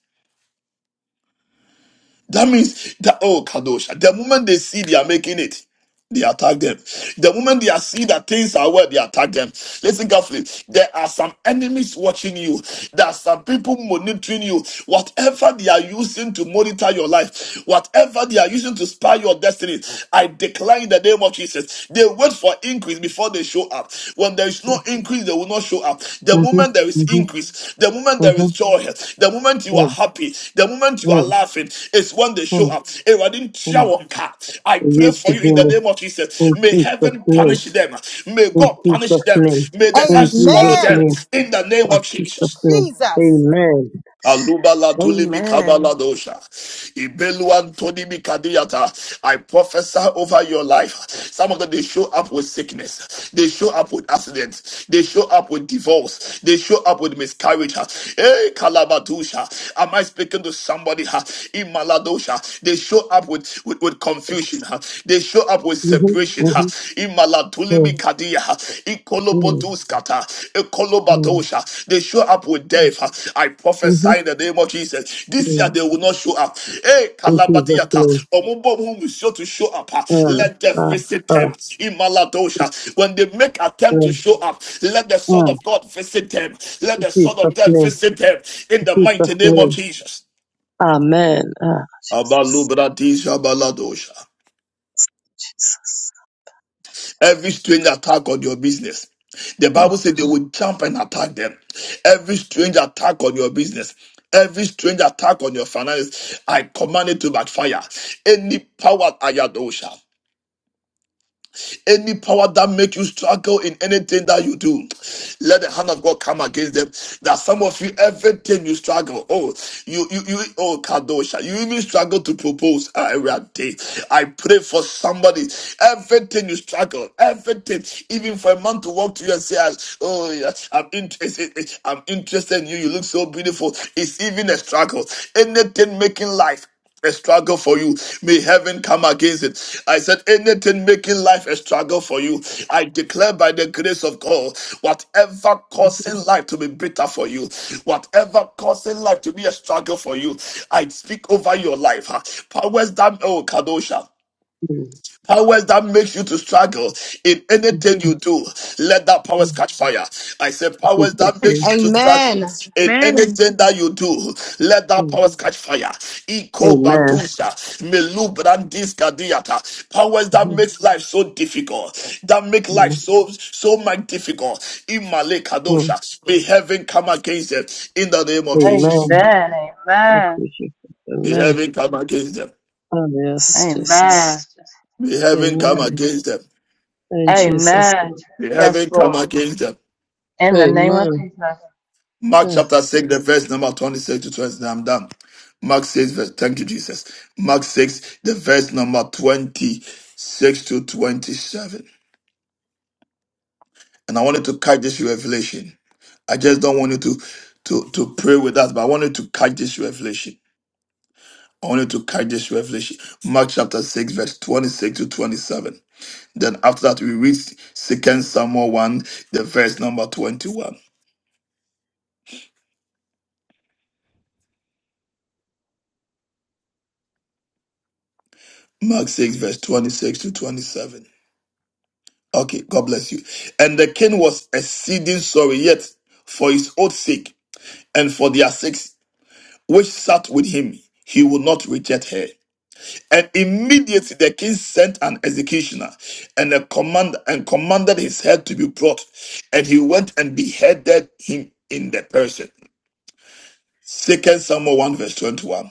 [SPEAKER 1] That means that oh Kadosha, the moment they see they are making it, they attack them. The moment they are see that things are well, they attack them. Listen carefully. There are some enemies watching you. There are some people monitoring you. Whatever they are using to monitor your life, whatever they are using to spy your destiny, I decline the name of Jesus. They wait for increase before they show up. When when there is no increase, they will not show up. The
[SPEAKER 4] Mm-hmm.
[SPEAKER 1] moment there is
[SPEAKER 4] Mm-hmm.
[SPEAKER 1] increase, the moment there
[SPEAKER 4] Mm-hmm.
[SPEAKER 1] is joy, the moment you
[SPEAKER 4] Yeah.
[SPEAKER 1] are happy, the moment you are
[SPEAKER 4] Yeah.
[SPEAKER 1] laughing, is when they
[SPEAKER 4] Yeah.
[SPEAKER 1] show up. Awurade, nhyira
[SPEAKER 4] Yeah.
[SPEAKER 1] wɔn I
[SPEAKER 4] It
[SPEAKER 1] pray
[SPEAKER 4] used
[SPEAKER 1] for
[SPEAKER 4] to
[SPEAKER 1] you in the
[SPEAKER 4] be
[SPEAKER 1] name of
[SPEAKER 4] In
[SPEAKER 1] Jesus. May
[SPEAKER 4] Jesus'
[SPEAKER 1] heaven
[SPEAKER 4] name.
[SPEAKER 1] punish them. May
[SPEAKER 4] In
[SPEAKER 1] God punish
[SPEAKER 4] Jesus'
[SPEAKER 1] them.
[SPEAKER 4] name.
[SPEAKER 1] May the
[SPEAKER 4] In
[SPEAKER 1] earth swallow
[SPEAKER 4] Jesus'
[SPEAKER 7] Amen.
[SPEAKER 1] them
[SPEAKER 4] name.
[SPEAKER 1] in the name of
[SPEAKER 4] Jesus'
[SPEAKER 1] Jesus.
[SPEAKER 4] name.
[SPEAKER 7] Jesus.
[SPEAKER 4] Amen.
[SPEAKER 1] Alubala tulimi
[SPEAKER 5] Amen.
[SPEAKER 1] kabala dosha. Ibeluan tonibi kadiyata. I prophesy over your life. Some of them they show up with sickness. They show up with accidents. They show up with divorce. They show up with miscarriage. Hey, kalabatusha. Am I speaking to somebody? huh? In maladosha. They show up with, with, with confusion. huh? They show up with
[SPEAKER 4] Mm-hmm.
[SPEAKER 1] separation.
[SPEAKER 4] Mm-hmm.
[SPEAKER 1] In Ala tulimi kadia,
[SPEAKER 4] Mm-hmm.
[SPEAKER 1] ikoloboduskata,
[SPEAKER 4] Mm-hmm.
[SPEAKER 1] ekolobatosha. They show up with death. I
[SPEAKER 4] mm-hmm.
[SPEAKER 1] prophesy in the name of Jesus. This year
[SPEAKER 4] mm-hmm.
[SPEAKER 1] they will not show up. Hey,
[SPEAKER 4] In Jesus' name.
[SPEAKER 1] kalabadiata, omubo mumusio to show up. ah, Let
[SPEAKER 4] Uh,
[SPEAKER 1] death
[SPEAKER 4] uh,
[SPEAKER 1] visit
[SPEAKER 4] uh,
[SPEAKER 1] them. Imaladosha. When they make attempt
[SPEAKER 4] uh,
[SPEAKER 1] to show up, let the sword
[SPEAKER 4] uh.
[SPEAKER 1] of God visit them. Let
[SPEAKER 4] In
[SPEAKER 1] the sword
[SPEAKER 4] Jesus'
[SPEAKER 1] of death
[SPEAKER 4] name.
[SPEAKER 1] visit them. In
[SPEAKER 4] In
[SPEAKER 1] the mighty
[SPEAKER 4] Jesus'
[SPEAKER 1] name of
[SPEAKER 4] name.
[SPEAKER 1] Jesus.
[SPEAKER 4] Amen. Ah, Jesus.
[SPEAKER 1] Abalubradisha baladosha.
[SPEAKER 4] Jesus.
[SPEAKER 1] Every strange attack on your business. The
[SPEAKER 4] Mm,
[SPEAKER 1] Bible said they would jump and attack them. Every strange attack on your business. Every strange attack on your finances, I command it to backfire. Any power, Ayadosha. Any power that make you struggle in anything that you do, let the hand of God come against them. That some of you, everything you struggle. Oh, you you you oh Kadosha, you even struggle to propose. Ah, I pray for somebody. Everything you struggle, everything, even for a man to walk to you and say, "Ah, Oh, yeah, I'm interested, I'm interested in you. You look so beautiful. It's even a struggle. Anything making life a struggle for you. May heaven come against it. I said, anything making life a struggle for you, I declare by the grace of God, whatever causing life to be bitter for you, whatever causing life to be a struggle for you, I speak over your life. huh? Powers that, oh, Kadosha
[SPEAKER 4] mm,
[SPEAKER 1] powers that makes you to struggle in anything you do let that
[SPEAKER 4] mm.
[SPEAKER 1] powers catch fire i say powers
[SPEAKER 4] Jesus'
[SPEAKER 1] that makes
[SPEAKER 4] name.
[SPEAKER 1] you to struggle
[SPEAKER 7] Amen.
[SPEAKER 1] in
[SPEAKER 13] Amen.
[SPEAKER 1] anything that you do let that
[SPEAKER 4] Mm.
[SPEAKER 1] powers catch fire Iko
[SPEAKER 4] Amen.
[SPEAKER 1] batusha, melu brandis kadiata. powers that
[SPEAKER 4] Mhm.
[SPEAKER 1] makes life so difficult that make life
[SPEAKER 4] Mm,
[SPEAKER 1] so so much difficult imale kadosha
[SPEAKER 4] mm.
[SPEAKER 1] may heaven come against them in the name of
[SPEAKER 6] Amen.
[SPEAKER 1] jesus
[SPEAKER 4] Amen. Thank you, Jesus.
[SPEAKER 1] may
[SPEAKER 4] Amen.
[SPEAKER 1] heaven come against them
[SPEAKER 4] Ah, yes,
[SPEAKER 6] Amen.
[SPEAKER 4] Jesus.
[SPEAKER 6] Amen.
[SPEAKER 1] may heaven come
[SPEAKER 4] Amen.
[SPEAKER 1] against them
[SPEAKER 4] In Jesus'
[SPEAKER 6] Amen.
[SPEAKER 4] name.
[SPEAKER 1] may
[SPEAKER 6] Yes,
[SPEAKER 1] heaven come
[SPEAKER 6] Lord.
[SPEAKER 1] against them
[SPEAKER 6] In the name of
[SPEAKER 4] Amen.
[SPEAKER 6] Jesus.
[SPEAKER 1] Mark
[SPEAKER 4] Yeah.
[SPEAKER 1] chapter 6, the verse number 26 to 29. I'm done. Mark 6, verse, thank you, Jesus. Mark 6, the verse number 26 to 27. And I wanted to catch this revelation. I just don't want you to, to, to pray with us, but I wanted to catch this revelation. I wanted to catch this revelation. Mark chapter 6, verse 26 to 27. Then after that, we read Second Samuel 1, the verse number 21. Mark 6, verse 26 to 27. Okay, God bless you. And the king was exceeding sorry, yet for his oath's sake and for their sakes which sat with him, he would not reject her. And immediately the king sent an executioner and a command and commanded his head to be brought, and he went and beheaded him in the person. Second Samuel 1 verse 21.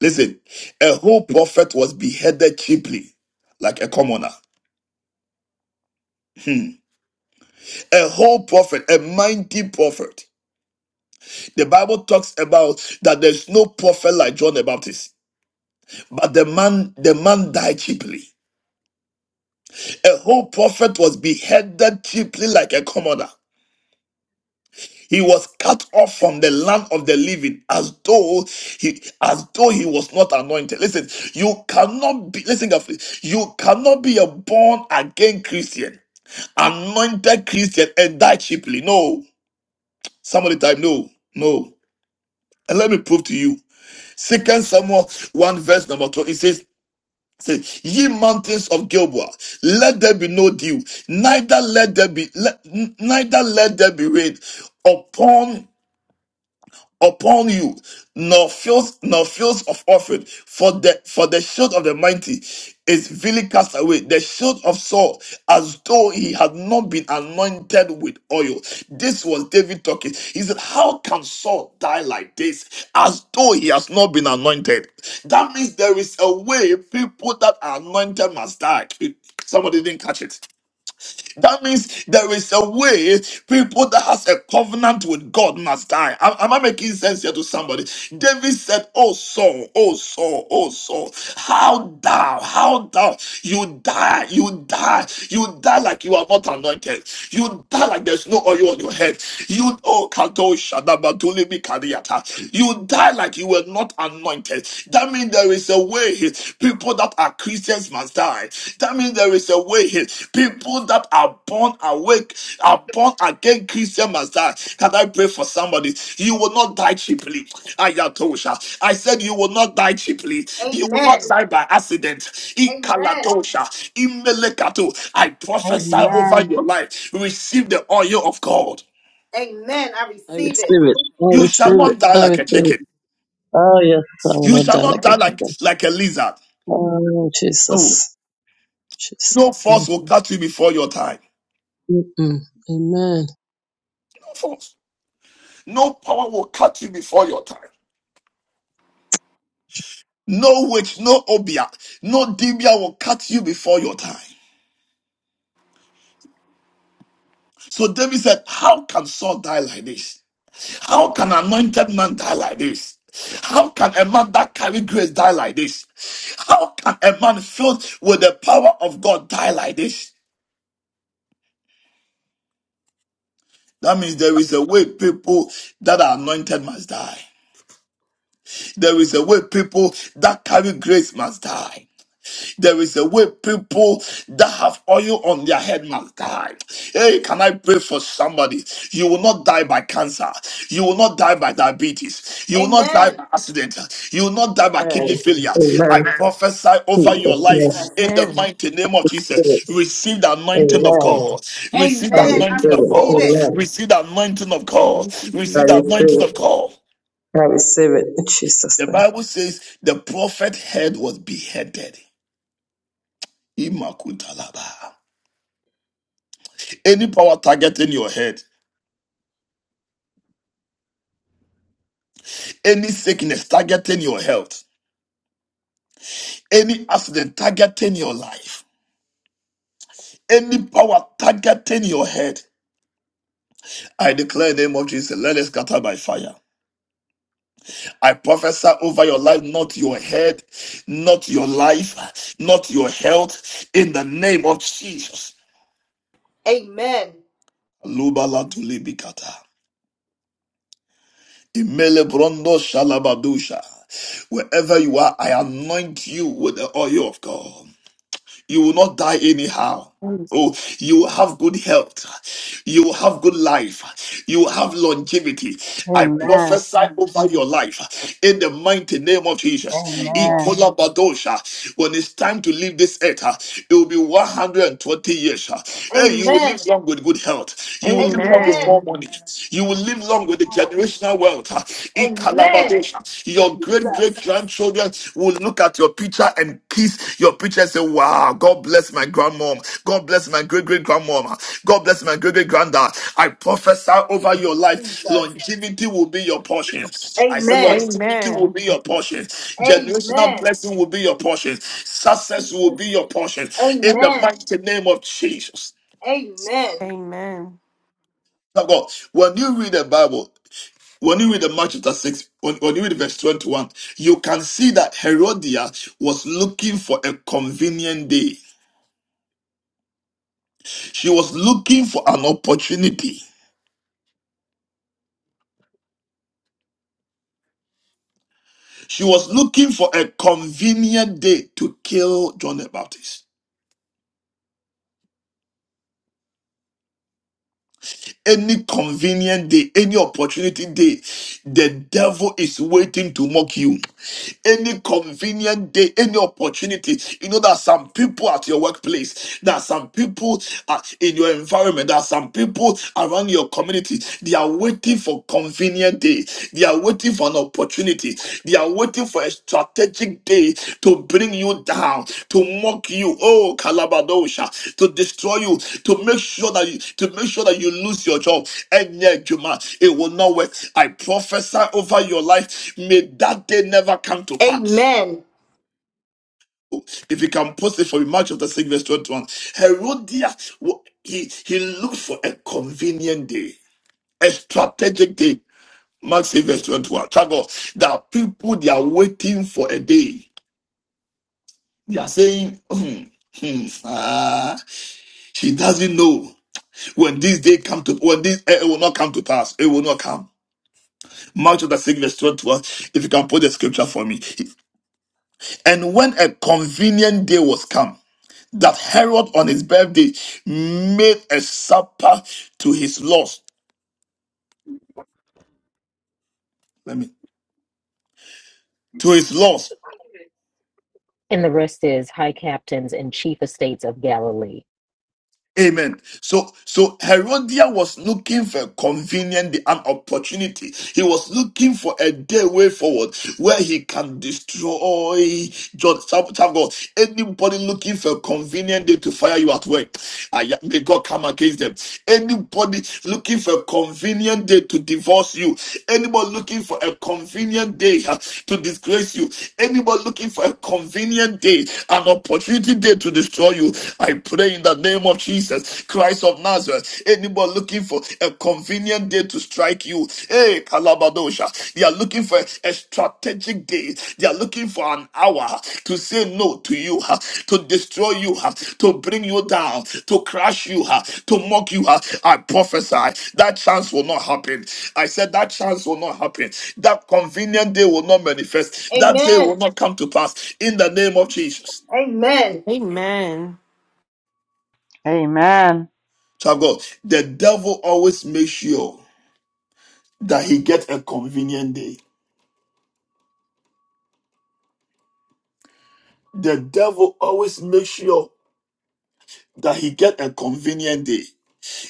[SPEAKER 1] Listen, a whole prophet was beheaded cheaply, like a commoner. Hmm. A whole prophet, a mighty prophet. The Bible talks about that there's no prophet like John the Baptist, but the man the man died cheaply. A whole prophet was beheaded cheaply like a commoner. He was cut off from the land of the living as though he as though he was not anointed. Listen, you cannot be listen carefully. You cannot be a born again Christian, anointed Christian and die cheaply. No. Somebody type no. No. And let me prove to you. Second Samuel 1 verse number 2, it says, say, ye mountains of Gilboa, let there be no dew, neither let there be, let- neither let there be rain upon upon you, nor fields, nor fields of orphan. For the for the shield of the mighty is vilely cast away. The shield of Saul, as though he had not been anointed with oil. This was David talking. He said, How can Saul die like this? As though he has not been anointed. That means there is a way people that are anointed must die. Somebody didn't catch it. That means there is a way people that has a covenant with God must die. Am, am I making sense here to somebody? David said, Oh Saul, oh Saul, oh Saul, how thou, how thou, you die, you die, you die like you are not anointed. You die like there's no oil on your head. You oh Kato Shadabatuli Mikadiata. You die like you were not anointed. That means there is a way people that are Christians must die. That means there is a way people that are born awake, are born again Christian must die. Can I pray for somebody? You will not die cheaply. Ayatosha. I said you will not die cheaply. You will not
[SPEAKER 7] Amen.
[SPEAKER 1] die by accident.
[SPEAKER 7] Amen.
[SPEAKER 1] Ikaladosha. Imelekato. I prophesy over
[SPEAKER 6] Amen.
[SPEAKER 1] your life. Receive the oil of God.
[SPEAKER 7] Amen. I
[SPEAKER 4] I receive
[SPEAKER 7] receive it.
[SPEAKER 4] it. I
[SPEAKER 1] You shall
[SPEAKER 4] receive it.
[SPEAKER 1] not die
[SPEAKER 4] I
[SPEAKER 1] like
[SPEAKER 4] receive
[SPEAKER 1] a chicken.
[SPEAKER 4] it. Oh yes, I will
[SPEAKER 1] You
[SPEAKER 4] not
[SPEAKER 1] shall
[SPEAKER 4] die
[SPEAKER 1] not
[SPEAKER 4] like a
[SPEAKER 1] die
[SPEAKER 5] Amen.
[SPEAKER 1] like,
[SPEAKER 4] chicken.
[SPEAKER 1] like a lizard.
[SPEAKER 4] Oh Jesus. Jesus.
[SPEAKER 1] No force will cut you before your time.
[SPEAKER 4] Mm-mm. Amen.
[SPEAKER 1] No force. No power will cut you before your time. No witch, no obia, no dibia will cut you before your time. So David said, How can Saul die like this? How can an anointed man die like this? How can a man that carry grace die like this? How can a man filled with the power of God die like this? That means there is a way people that are anointed must die. There is a way people that carry grace must die. There is a way people that have oil on their head must die. Hey, can I pray for somebody? You will not die by cancer. You will not die by diabetes. You will not die
[SPEAKER 7] Amen.
[SPEAKER 1] by accident. You will not die by
[SPEAKER 4] Amen.
[SPEAKER 1] kidney failure.
[SPEAKER 4] Amen.
[SPEAKER 1] I prophesy over your
[SPEAKER 4] Jesus' name.
[SPEAKER 1] life
[SPEAKER 7] Jesus.
[SPEAKER 1] in the
[SPEAKER 5] Amen.
[SPEAKER 1] mighty name of Jesus. Receive the anointing of
[SPEAKER 4] Amen.
[SPEAKER 1] God. Receive
[SPEAKER 4] I
[SPEAKER 1] the
[SPEAKER 7] Amen.
[SPEAKER 4] receive
[SPEAKER 7] I
[SPEAKER 1] anointing of
[SPEAKER 4] it.
[SPEAKER 7] receive
[SPEAKER 1] God.
[SPEAKER 7] it.
[SPEAKER 4] Amen.
[SPEAKER 1] Receive the anointing of God.
[SPEAKER 5] Thank you,
[SPEAKER 4] I
[SPEAKER 1] Receive the
[SPEAKER 5] Jesus.
[SPEAKER 4] receive
[SPEAKER 1] anointing
[SPEAKER 4] it.
[SPEAKER 1] of God.
[SPEAKER 4] I receive it in Jesus'
[SPEAKER 1] The Bible says the prophet head was beheaded. Imakutalaba. any power targeting your head, any sickness targeting your health, any accident targeting your life, any power targeting your head. I declare in the name of Jesus, let it scatter by fire. I prophesy over your life, not your head, not your life, not your health, in the name of Jesus.
[SPEAKER 7] Amen.
[SPEAKER 1] Lubala tulibikata. Imele brondo shalabadusha. Wherever you are, I anoint you with the oil of God. You will not die anyhow. Oh, you will have good health. You will have good life. You will have longevity. I
[SPEAKER 6] Amen.
[SPEAKER 1] prophesy over your life in the mighty name of Jesus.
[SPEAKER 7] Jesus.
[SPEAKER 6] Amen.
[SPEAKER 1] Ikola Badosha. When it's time to leave this earth, uh, it will be 120 years. uh. Hey, you will
[SPEAKER 7] Amen.
[SPEAKER 1] live long with good health. You will live long with
[SPEAKER 5] Amen.
[SPEAKER 7] Amen.
[SPEAKER 1] more
[SPEAKER 5] Amen.
[SPEAKER 1] money. You will live long with the
[SPEAKER 7] Lord.
[SPEAKER 1] generational wealth. Uh, Ikala
[SPEAKER 7] Amen.
[SPEAKER 1] Badosha. Your great
[SPEAKER 7] Jesus.
[SPEAKER 1] great grandchildren will look at your picture and kiss your picture and say, Wow, God bless my grandmom. God bless my great great grandmom. God bless my great great granddad. I prophesy over your life.
[SPEAKER 7] Jesus.
[SPEAKER 1] Longevity will be your portion. I said,
[SPEAKER 7] Amen.
[SPEAKER 1] Longevity will
[SPEAKER 5] Amen.
[SPEAKER 1] be your portion. Generational
[SPEAKER 7] Amen.
[SPEAKER 1] blessing will be your portion. Success will be your portion. In the
[SPEAKER 7] Amen.
[SPEAKER 1] mighty name of Jesus.
[SPEAKER 7] Amen.
[SPEAKER 5] Amen.
[SPEAKER 1] Now, God, when you read the Bible, when you read the Mark chapter 6, when, when you read verse 21, you can see that Herodia was looking for a convenient day. She was looking for an opportunity. She was looking for a convenient day to kill John the Baptist. any convenient day, any opportunity day, the devil is waiting to mock you. Any convenient day, any opportunity. You know that some people at your workplace, that some people are in your environment, that some people around your community, they are waiting for convenient day. They are waiting for an opportunity. They are waiting for a strategic day to bring you down, to mock you, oh Kalabadosha, to destroy you, to make sure that you to make sure that you lose your job. And yet, Juma, it will not work. I prophesy over your life. May that day never come to pass.
[SPEAKER 7] Amen. Amen.
[SPEAKER 1] If you can post it for me, March of the 6th, verse 21. Herodias, he, he looked for a convenient day, a strategic day. Mark 6, verse 21. Thank God that people they are waiting for a day. They are saying, hmm, hmm, ah, she doesn't know when this day come to when this eh, it will not come to pass. It will not come. Mark chapter 6, verse 21. If you can put the scripture for me. And when a convenient day was come, that Herod on his birthday made a supper to his loss. Let me to his loss
[SPEAKER 2] And the rest is high captains and chief estates of Galilee.
[SPEAKER 1] Amen. So, so Herodian was looking for a convenient, an opportunity. He was looking for a day way forward where he can destroy John. Child child God, anybody looking for a convenient day to fire you at work, I, may God come against them. Anybody looking for a convenient day to divorce you, anybody looking for a convenient day uh, to disgrace you, anybody looking for a convenient day, an opportunity day to destroy you, you. I pray in the name of Jesus Christ of Nazareth. Anybody looking for a convenient day to strike you, hey, Kalabadosha, they are looking for a strategic day. They are looking for an hour to say no to you, huh, to destroy you, huh, to bring you down, to crush you, huh, to mock you. huh. I prophesy that chance will not happen. I said that chance will not happen. That convenient day will not manifest. That day will
[SPEAKER 7] Amen.
[SPEAKER 1] not come to pass in the name of Jesus.
[SPEAKER 7] Amen.
[SPEAKER 5] Amen.
[SPEAKER 6] Amen.
[SPEAKER 1] Child of God, the devil always makes sure that he gets a convenient day. The devil always makes sure that he get a convenient day.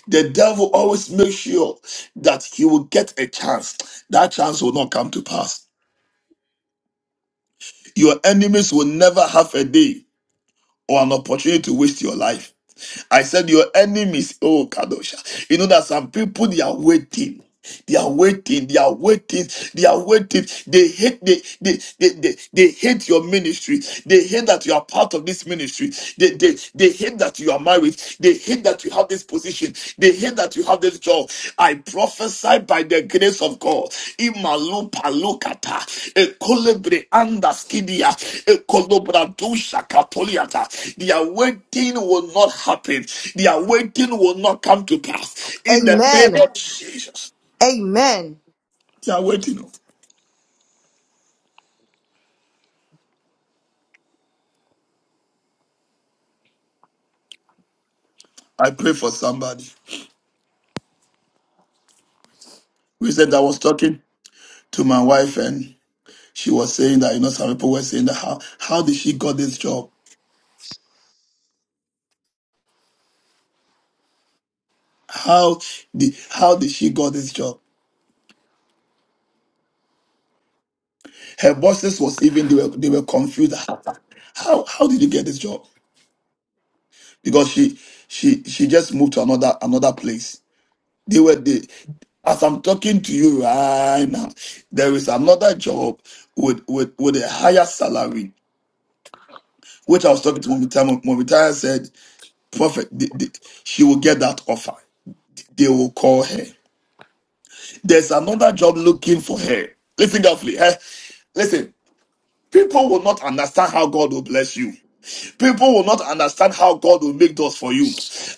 [SPEAKER 1] The devil always makes sure that he will get a chance. That chance will not come to pass. Your enemies will never have a day or an opportunity to waste your life. I said, Your enemies, oh Kadosha. You know that some people they are waiting. They are waiting, they are waiting, they are waiting. They hate they they they, they, they hate your ministry. They hate that you are part of this ministry. They, they they hate that you are married. They hate that you have this position. They. Here that you have this job, I prophesy by the grace of God. Imalupa Imalu palukata, ekolebre andaskidia, ekolobratusha kapoliata. Their waiting will not happen. Their waiting will not come to pass. In the name
[SPEAKER 7] Amen.
[SPEAKER 1] of Jesus,
[SPEAKER 7] Amen. Amen.
[SPEAKER 1] they are waiting. I pray for somebody. Recently, I was talking to my wife, and she was saying that you know some people were saying that how how did she got this job? How did how did she got this job? Her bosses was even they were they were confused. How how how did you get this job? Because she she she just moved to another another place. They were the as I'm talking to you right now, there is another job with with with a higher salary, which I was talking to Momitaya. Momitaya said, "Prophet, the- the- she will get that offer. They will call her. There's another job looking for her. Listen carefully. eh? Listen, people will not understand how God will bless you." People will not understand how God will make doors for you.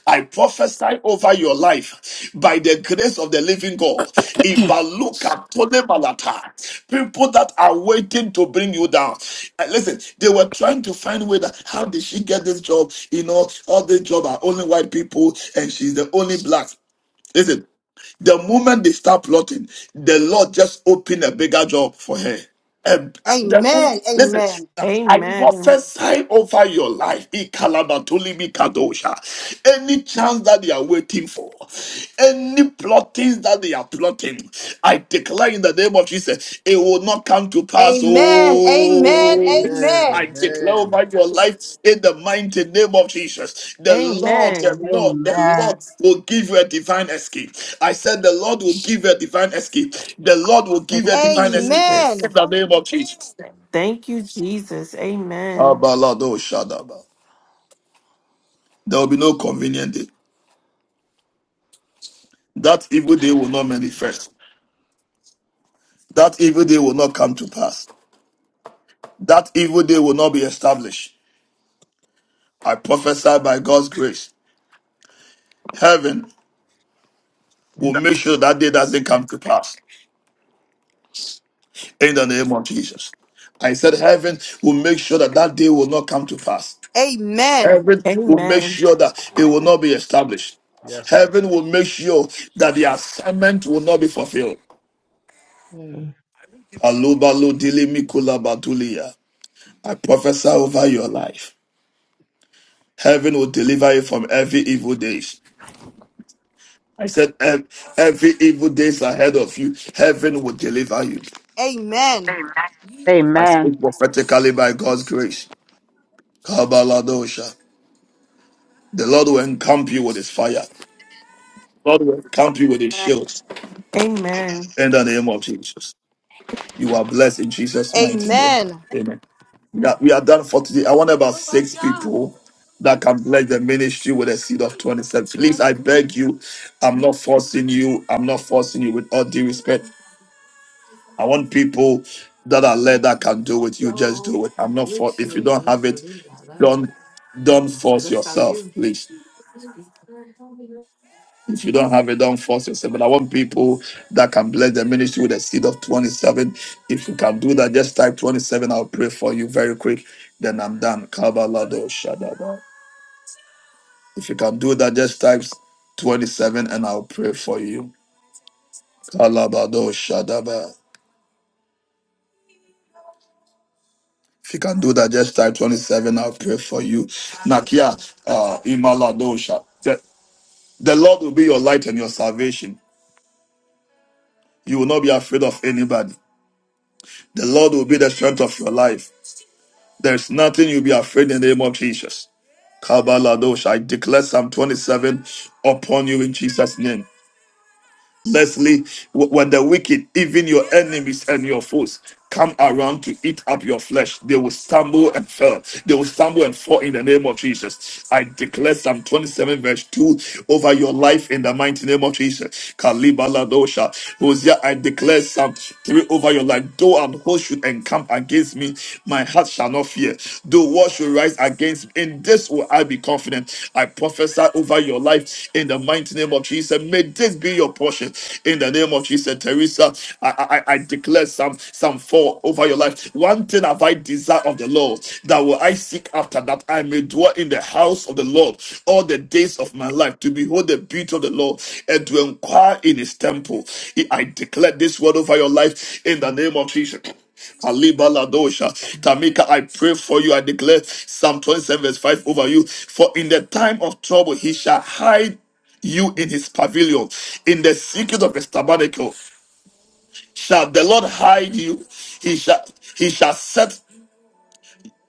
[SPEAKER 1] I prophesy over your life by the grace of the living God. Ibaluka tole balata. People that are waiting to bring you down. Uh, Listen, they were trying to find way that how did she get this job? You know, all the job are only white people and she's the only black. Listen, the moment they start plotting, the Lord just opened a bigger job for her. Um, the womb-
[SPEAKER 7] Amen.
[SPEAKER 1] listen,
[SPEAKER 7] Amen.
[SPEAKER 1] I prophesy over your life. Ikalabatuli, kadosha. Any chance that they are waiting for, any plottings that they are plotting, I declare in the name of Jesus, it will not come to pass. oh Oh,
[SPEAKER 3] Amen.
[SPEAKER 1] I declare
[SPEAKER 3] Amen.
[SPEAKER 1] over your life in the mighty name of Jesus. The Lord, the
[SPEAKER 5] Amen.
[SPEAKER 1] Lord, the Lord
[SPEAKER 6] Amen.
[SPEAKER 1] will give you a divine escape. I said, The Lord will give you a divine escape. The Lord will give you a
[SPEAKER 5] Thank you,
[SPEAKER 1] divine escape
[SPEAKER 5] Jesus.
[SPEAKER 7] Amen.
[SPEAKER 1] in the name of Jesus.
[SPEAKER 5] Thank you, Jesus. Amen.
[SPEAKER 1] Abalado shadaba. There will be no convenient day. That evil day will not manifest. That evil day will not come to pass. That evil day will not be established. I prophesy by God's grace. Heaven will make sure that day doesn't come to pass. In the name of Jesus. I said, Heaven will make sure that that day will not come to pass.
[SPEAKER 7] Amen.
[SPEAKER 1] Heaven will make
[SPEAKER 5] Amen.
[SPEAKER 1] sure that it will not be established.
[SPEAKER 3] Yes,
[SPEAKER 1] Heaven will make sure that the assignment will not be fulfilled.
[SPEAKER 4] name.
[SPEAKER 1] Alubalo dilimi kulabadulia. I prophesy over your life. Heaven will deliver you from every evil days. I said, "Ev- every evil days ahead of you, heaven will deliver you
[SPEAKER 7] Amen. Amen.
[SPEAKER 14] Amen.
[SPEAKER 6] Amen.
[SPEAKER 1] prophetically by God's grace. Kabaladosha. The Lord will encamp you with his fire. The Lord will encamp you with his shield.
[SPEAKER 5] Amen.
[SPEAKER 1] In the name of Jesus. You are blessed in Jesus' mighty name.
[SPEAKER 7] Amen.
[SPEAKER 1] Amen. Yeah, we are done for today. I want about six people that can bless the ministry with a seed of 27.
[SPEAKER 14] It
[SPEAKER 1] Please,
[SPEAKER 14] was
[SPEAKER 1] I
[SPEAKER 14] good.
[SPEAKER 1] beg you, I'm not forcing you. I'm not forcing you
[SPEAKER 14] It
[SPEAKER 1] with all due respect. I want people that are led that can
[SPEAKER 14] looks
[SPEAKER 1] do it. You just do
[SPEAKER 14] so
[SPEAKER 1] it. I'm not for if you
[SPEAKER 14] richly. It
[SPEAKER 1] don't
[SPEAKER 14] looks
[SPEAKER 1] have
[SPEAKER 14] so
[SPEAKER 1] it,
[SPEAKER 14] good. I love it.
[SPEAKER 1] don't don't force
[SPEAKER 14] Looks so
[SPEAKER 1] yourself,
[SPEAKER 14] you.
[SPEAKER 1] please. If you don't have it, don't force yourself. But I want people that can bless the ministry with a seed of 27. If you can do that, just type 27. I'll pray for you very quick. Then I'm done. Kabalado Shadaba. If you can do that, just type 27 and I'll pray for you. Kalabado Shadaba. If you can do that, just type 27. I'll pray for you. Nakia, uh, Imalado Sha- The the Lord will be your light and your salvation. You will not be afraid of anybody. The Lord will be the strength of your life. There's nothing you'll be afraid in the name of Jesus. Kabaladosh. I declare Psalm 27 upon you in Jesus' name. Leslie, wh- when the wicked, even your enemies and your foes, come around to eat up your flesh, they will stumble and fall. They will stumble and fall in the name of Jesus. I declare Psalm 27, verse 2 over your life in the mighty name of Jesus. Kalibaladosha. Hosea, I declare Psalm 3 over your life. Though and host should encamp against me against me, my heart shall not fear. Though war should rise against me, in this will I be confident. I prophesy over your life in the mighty name of Jesus. May this be your portion in the name of Jesus. Teresa, I, I, I declare some some fall over your life. One thing have I desired of the Lord that will I seek after that I may dwell in the house of the Lord all the days of my life to behold the beauty of the Lord and to inquire in his temple. I declare this word over your life in the name of Jesus. Kalibaladosha. Tamika, I pray for you. I declare Psalm 27, verse 5 over you. For in the time of trouble, he shall hide you in his pavilion, in the secret of his tabernacle. Shall the Lord hide you? He shall he shall set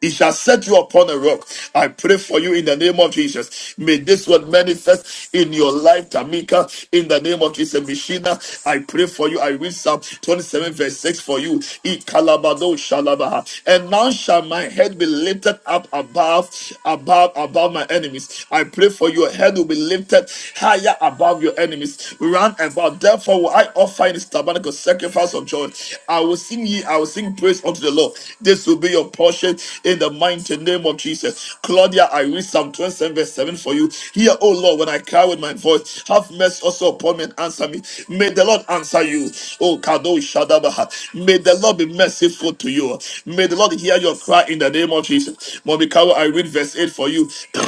[SPEAKER 1] he shall set you upon a rock. I pray for you in the name of Jesus. May this word manifest in your life, Tamika, in the name of Jesus. Mishina, I pray for you. I read Psalm 27, verse 6 for you. E kalabado shalabaha. And now shall my head be lifted up above, above, above my enemies. I pray for your head will be lifted higher above your enemies. Run about. Therefore, will I offering this tabernacle sacrifice of joy. I will sing ye, I will sing praise unto the Lord. This will be your portion in the mighty name of Jesus. Claudia, I read Psalm 27, verse 7 for you. Hear, O Lord, when I cry with my voice, have mercy also upon me and answer me. May the Lord answer you. Oh, Kado Shadabaha. May the Lord be merciful to you. May the Lord hear your cry in the name of Jesus. Momikawa, I read verse 8 for you.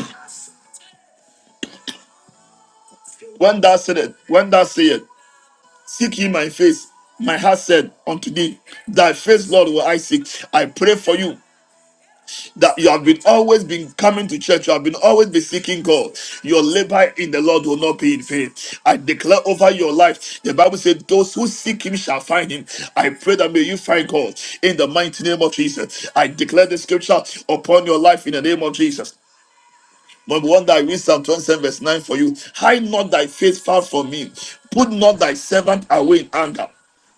[SPEAKER 1] When thou said it, when thou say it. Seek ye my face. My heart said unto thee, Thy face, Lord, will I seek. I pray for you that you have been always been coming to church. You have been always been seeking God. Your labor in the Lord will not be in vain. I declare over your life. The Bible said, "Those who seek Him shall find Him." I pray that may you find God in the mighty name of Jesus. I declare the scripture upon your life in the name of Jesus. But one that I read Psalm 27, verse 9 for you. Hide not thy face far from me. Put not thy servant away in anger.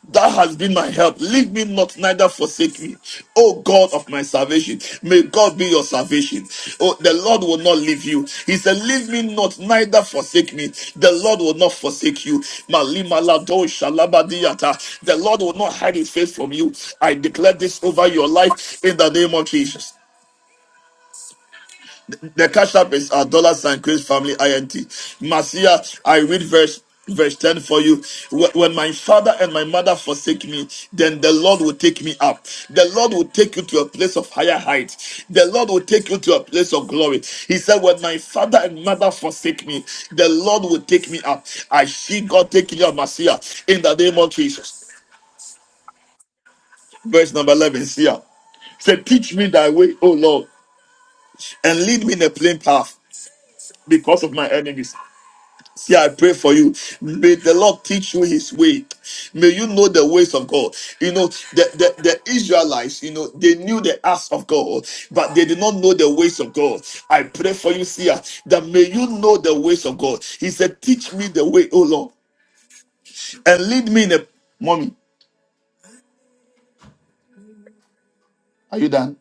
[SPEAKER 1] Thou hast been my help. Leave me not, neither forsake me. O God of my salvation, may God be your salvation. Oh, the Lord will not leave you. He said, Leave me not, neither forsake me. The Lord will not forsake you. Malima lado shalabadiyata. The Lord will not hide his face from you. I declare this over your life in the name of Jesus. The cash app is our dollar sign Grace Family INT. Marcia, I read verse verse 10 for you. Wh- When my father and my mother forsake me, then the Lord will take me up. The Lord will take you to a place of higher height. The Lord will take you to a place of glory. He said, When my father and mother forsake me, the Lord will take me up. I see God taking you up, Marcia, in the name of Jesus. Verse number 11, see ya. Say, teach me thy way, O Lord, and lead me in a plain path because of my enemies. See, I pray for you. May the Lord teach you his way. May you know the ways of God. You know, the, the, the Israelites, you know, they knew the acts of God, but they did not know the ways of God. I pray for you, Sia, that may you know the ways of God. He said, Teach me the way, O Lord, and lead me in a mommy. Are you done?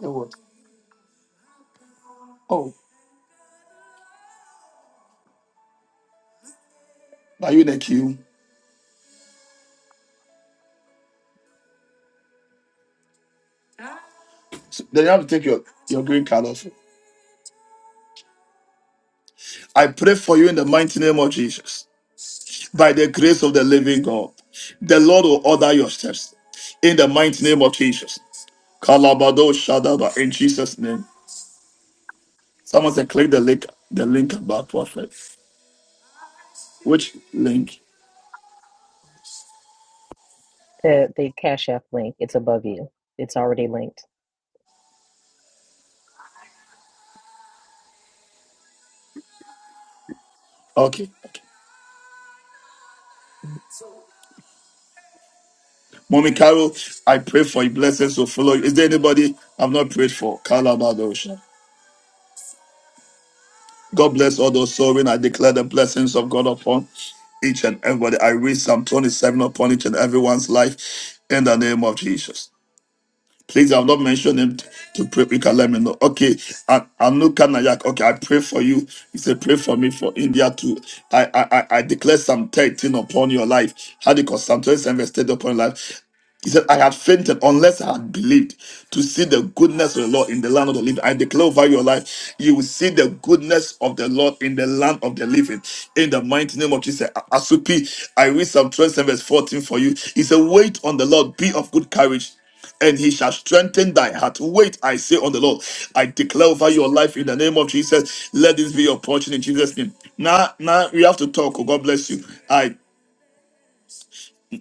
[SPEAKER 1] Yeah, what? Oh, are you in a queue? So then you have to take your, your green card off. I pray for you in the mighty name of Jesus. by the grace of the living God. The Lord will order your steps in the mighty name of Jesus. Kalabado Shadaba in Jesus' name. Someone said click the link, the link about prophet. Which link?
[SPEAKER 2] The the Cash App link, it's above you. It's already linked.
[SPEAKER 1] Okay, okay. Mommy Carol, I pray for your blessings to follow you. Is there anybody I've not prayed for? Kalabado Shadaba. God bless all those sowing. I declare the blessings of God upon each and everybody. I read Psalm 27 upon each and everyone's life in the name of Jesus. Please, I've not mentioned him t- to pray. You can let me know. Okay, An- Anuka Nayak. Okay, I pray for you. He said, pray for me for India too. I I I I declare Psalm 13 upon your life. How do you call Psalm 27 verse 13 upon your life? He said, I had fainted unless I had believed to see the goodness of the Lord in the land of the living. I declare over your life, you will see the goodness of the Lord in the land of the living. In the mighty name of Jesus. Asupi, I read Psalm 27, verse 14 for you. He said, Wait on the Lord, be of good courage. And he shall strengthen thy heart. Wait, I say on the Lord. I declare over your life in the name of Jesus. Let this be your portion in Jesus' name. Now, now we have to talk. Oh, God bless you. I.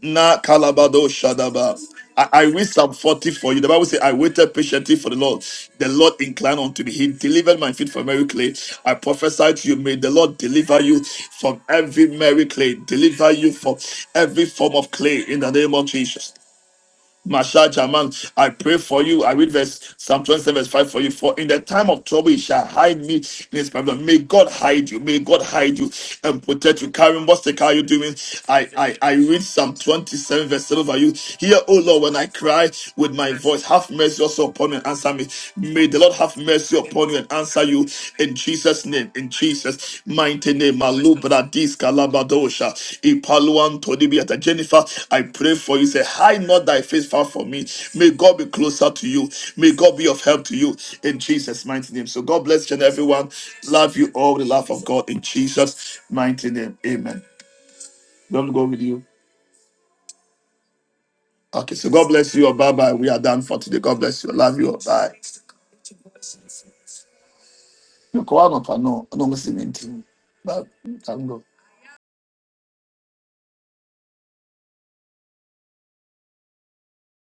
[SPEAKER 1] Na kalabado shadaba. I, I read Psalm 40 for you. The Bible says, I waited patiently for the Lord. The Lord inclined unto me. He delivered my feet from every clay. I prophesied to you, may the Lord deliver you from every merry clay. Deliver you from every form of clay in the name of Jesus. Masha Jaman, I pray for you. I read verse Psalm 27, verse 5 for you. For in the time of trouble, he shall hide me in his pavilion. May God hide you. May God hide you and protect you. Karen what's the car you doing? I, I, I read Psalm 27, verse 7 for you. Hear, O Lord, when I cry with my voice, have mercy also upon me and answer me. May the Lord have mercy upon you answer you in Jesus' name, in Jesus' mighty name. Malubra dis kalabadosha ipaluan todibiata. Jennifer, I pray for you. Say, hide not thy face far from me. May God be closer to you. May God be of help to you in Jesus' mighty name. So God bless you and everyone. Love you all with the love of God in Jesus' mighty name. Amen. Don't go with you. Okay, so God bless you. Bye bye. We are done for today. God bless you. Love you. Bye. You go out of- no, no, I'm not seeing anything. Bye. I'm go.